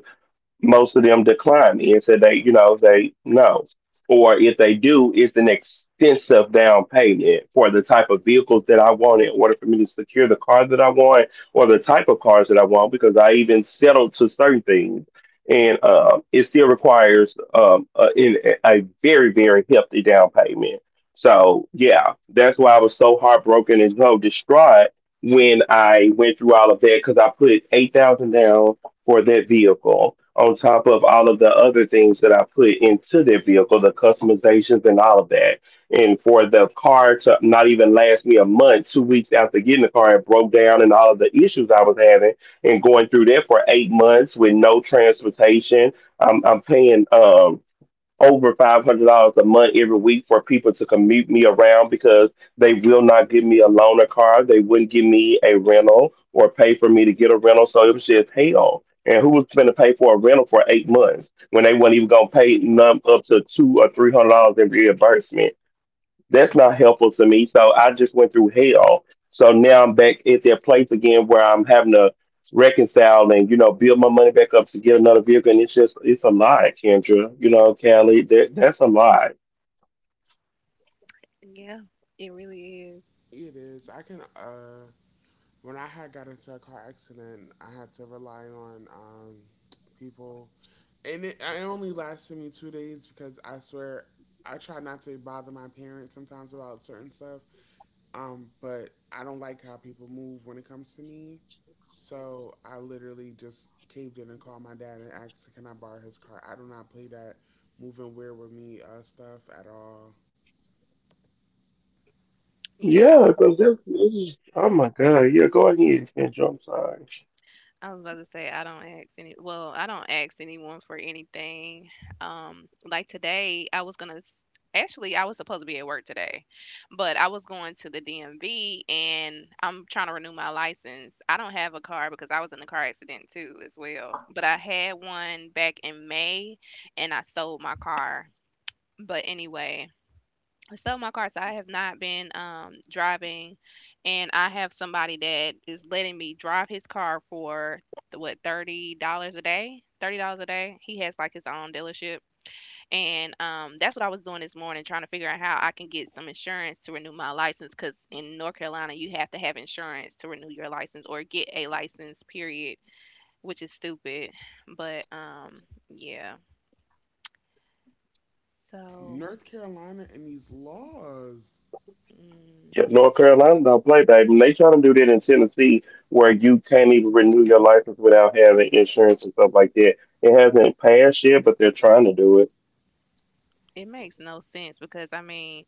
most of them decline and said they, you know, they no. Or if they do, it's an extensive down payment for the type of vehicles that I want in order for me to secure the car that I want or the type of cars that I want because I even settled to certain things. And uh, it still requires um, a, in, a very, very hefty down payment. So, yeah, that's why I was so heartbroken and so distraught when I went through all of that because I put eight thousand down for that vehicle on top of all of the other things that I put into that vehicle, the customizations and all of that. And for the car to not even last me a month, two weeks after getting the car, it broke down and all of the issues I was having and going through that for eight months with no transportation. I'm, I'm paying um over five hundred dollars a month every week for people to commute me around because they will not give me a loaner car. They wouldn't give me a rental or pay for me to get a rental. So it was just hell. And who was going to pay for a rental for eight months when they weren't even going to pay none up to two or three hundred dollars in reimbursement? That's not helpful to me. So I just went through hell. So now I'm back at that place again where I'm having to reconcile and, you know, build my money back up to get another vehicle. And it's just it's a lie, Kendra. You know, Callie, that that's a lie. Yeah, it really is. It is. I can uh when I had got into a car accident, I had to rely on um, people, and it, it only lasted me two days because I swear I try not to bother my parents sometimes about certain stuff, um, but I don't like how people move when it comes to me, so I literally just caved in and called my dad and asked, "Can I borrow his car?" I do not play that moving weird with me uh, stuff at all. Yeah. Yeah, I- because this is oh my god. Yeah, go ahead, Kendra. I'm sorry. was about to say I don't ask any, well, I don't ask anyone for anything. Um, like today, I was gonna s- actually I was supposed to be at work today, but I was going to the D M V and I'm trying to renew my license. I don't have a car because I was in a car accident too as well, but I had one back in May and I sold my car. But anyway, I sold my car, so I have not been um driving, and I have somebody that is letting me drive his car for the, what, thirty dollars a day. Thirty dollars a day. He has like his own dealership, and um, that's what I was doing this morning, trying to figure out how I can get some insurance to renew my license. Because in North Carolina, you have to have insurance to renew your license or get a license, period, which is stupid. But um, yeah. So North Carolina and these laws. Yeah, hmm, North Carolina don't play, baby. And they try to do that in Tennessee where you can't even renew your license without having insurance and stuff like that. It hasn't passed yet, but they're trying to do it. it makes no sense because I mean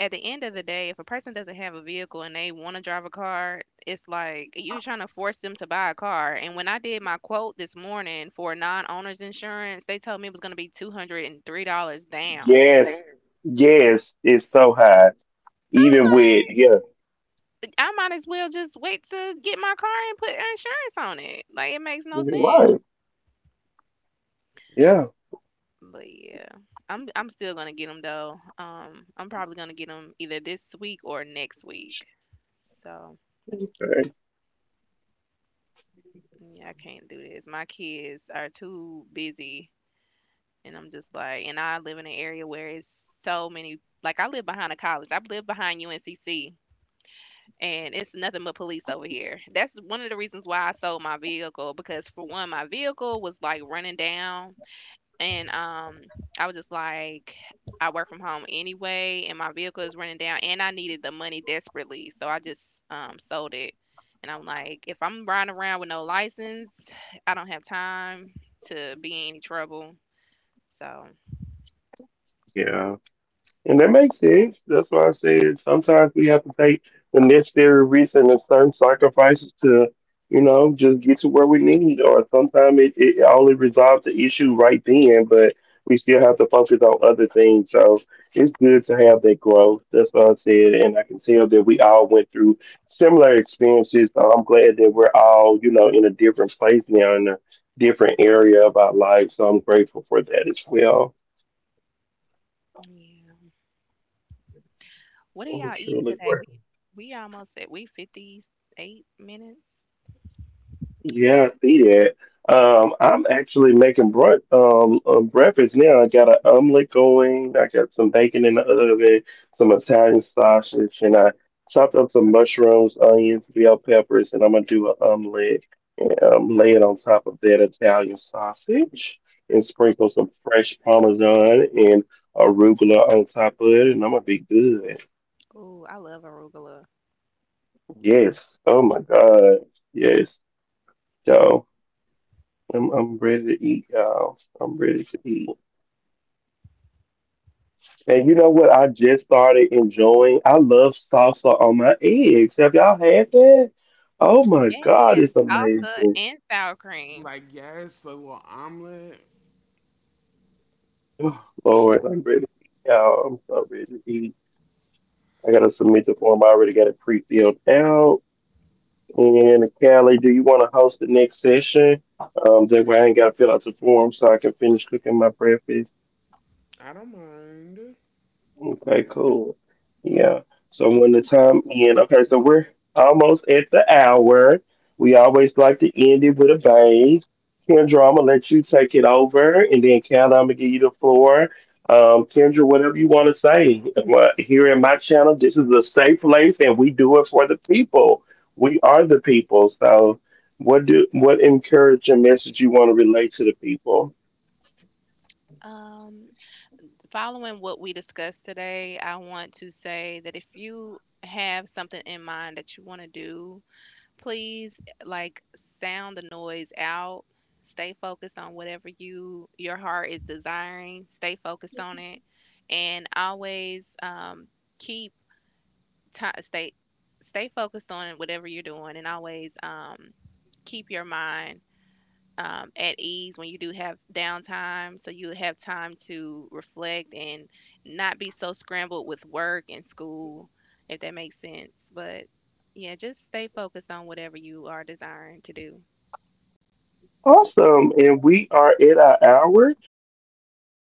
at the end of the day, if a person doesn't have a vehicle and they want to drive a car, it's like you're trying to force them to buy a car. And when I did my quote this morning for non-owners insurance, they told me it was going to be two hundred three dollars down. Yes, yes, it's so high. Even with I'm yeah, like, I might as well just wait to get my car and put insurance on it. Like it makes no sense. right, yeah, But yeah, I'm I'm still gonna get them though. Um, I'm probably gonna get them either this week or next week. So right, yeah, I can't do this. My kids are too busy. And I'm just like, and I live in an area where it's so many, like I live behind a college. I live behind U N C C, and it's nothing but police over here. That's one of the reasons why I sold my vehicle, because for one my vehicle was like running down, and um I was just like I work from home anyway and my vehicle is running down and I needed the money desperately. So I just um sold it. And I'm like, if I'm riding around with no license, I don't have time to be in any trouble. So, yeah. And that makes sense. That's why I said sometimes we have to take the necessary risks and the certain sacrifices to, you know, just get to where we need. Or sometimes it, it only resolves the issue right then, but we still have to focus on other things. So it's good to have that growth. That's what I said. And I can tell that we all went through similar experiences. So I'm glad that we're all, you know, in a different place now, in a different area of our life. So I'm grateful for that as well. yeah. What are I'm y'all eating truly today? We grateful. we almost at, we fifty-eight minutes. Yeah, I see that. Um, I'm actually making brunch, um, uh, breakfast now. I got an omelet going. I got some bacon in the oven, some Italian sausage, and I chopped up some mushrooms, onions, bell peppers, and I'm gonna do an omelet and um, lay it on top of that Italian sausage and sprinkle some fresh Parmesan and arugula on top of it, and I'm gonna be good. Ooh, I love arugula. Yes. Oh my God. Yes. So. I'm I'm ready to eat, y'all. I'm ready to eat. And you know what? I just started enjoying. I love salsa on my eggs. Have y'all had that? Oh my God, Yes, it's salsa amazing. and sour cream. Like, yes, the little omelet. Oh, Lord, I'm ready to eat, y'all. I'm so ready to eat. I gotta submit the form. I already got it pre-filled out. And Callie, do you want to host the next session? Um, that way I ain't gotta fill out the form so I can finish cooking my breakfast. I don't mind. Okay, cool. Yeah. So I when the want an time iced end, okay, coffee. so we're almost at the hour. We always like to end it with a bang. Kendra, I'm gonna let you take it over, and then Kendra, I'm gonna give you the floor. Um, Kendra, whatever you want to say. Well, here in my channel, this is a safe place, and we do it for the people. We are the people. So, what do what encouraging message you want to relate to the people? Um, following what we discussed today, I want to say that if you have something in mind that you want to do, please like sound the noise out. Stay focused on whatever you your heart is desiring. Stay focused on it, and always um, keep ti stay stay focused on whatever you're doing, and always um, keep your mind um, at ease when you do have downtime so you have time to reflect and not be so scrambled with work and school, if that makes sense. But yeah, just stay focused on whatever you are desiring to do. Awesome. And we are at our hour. So I'll go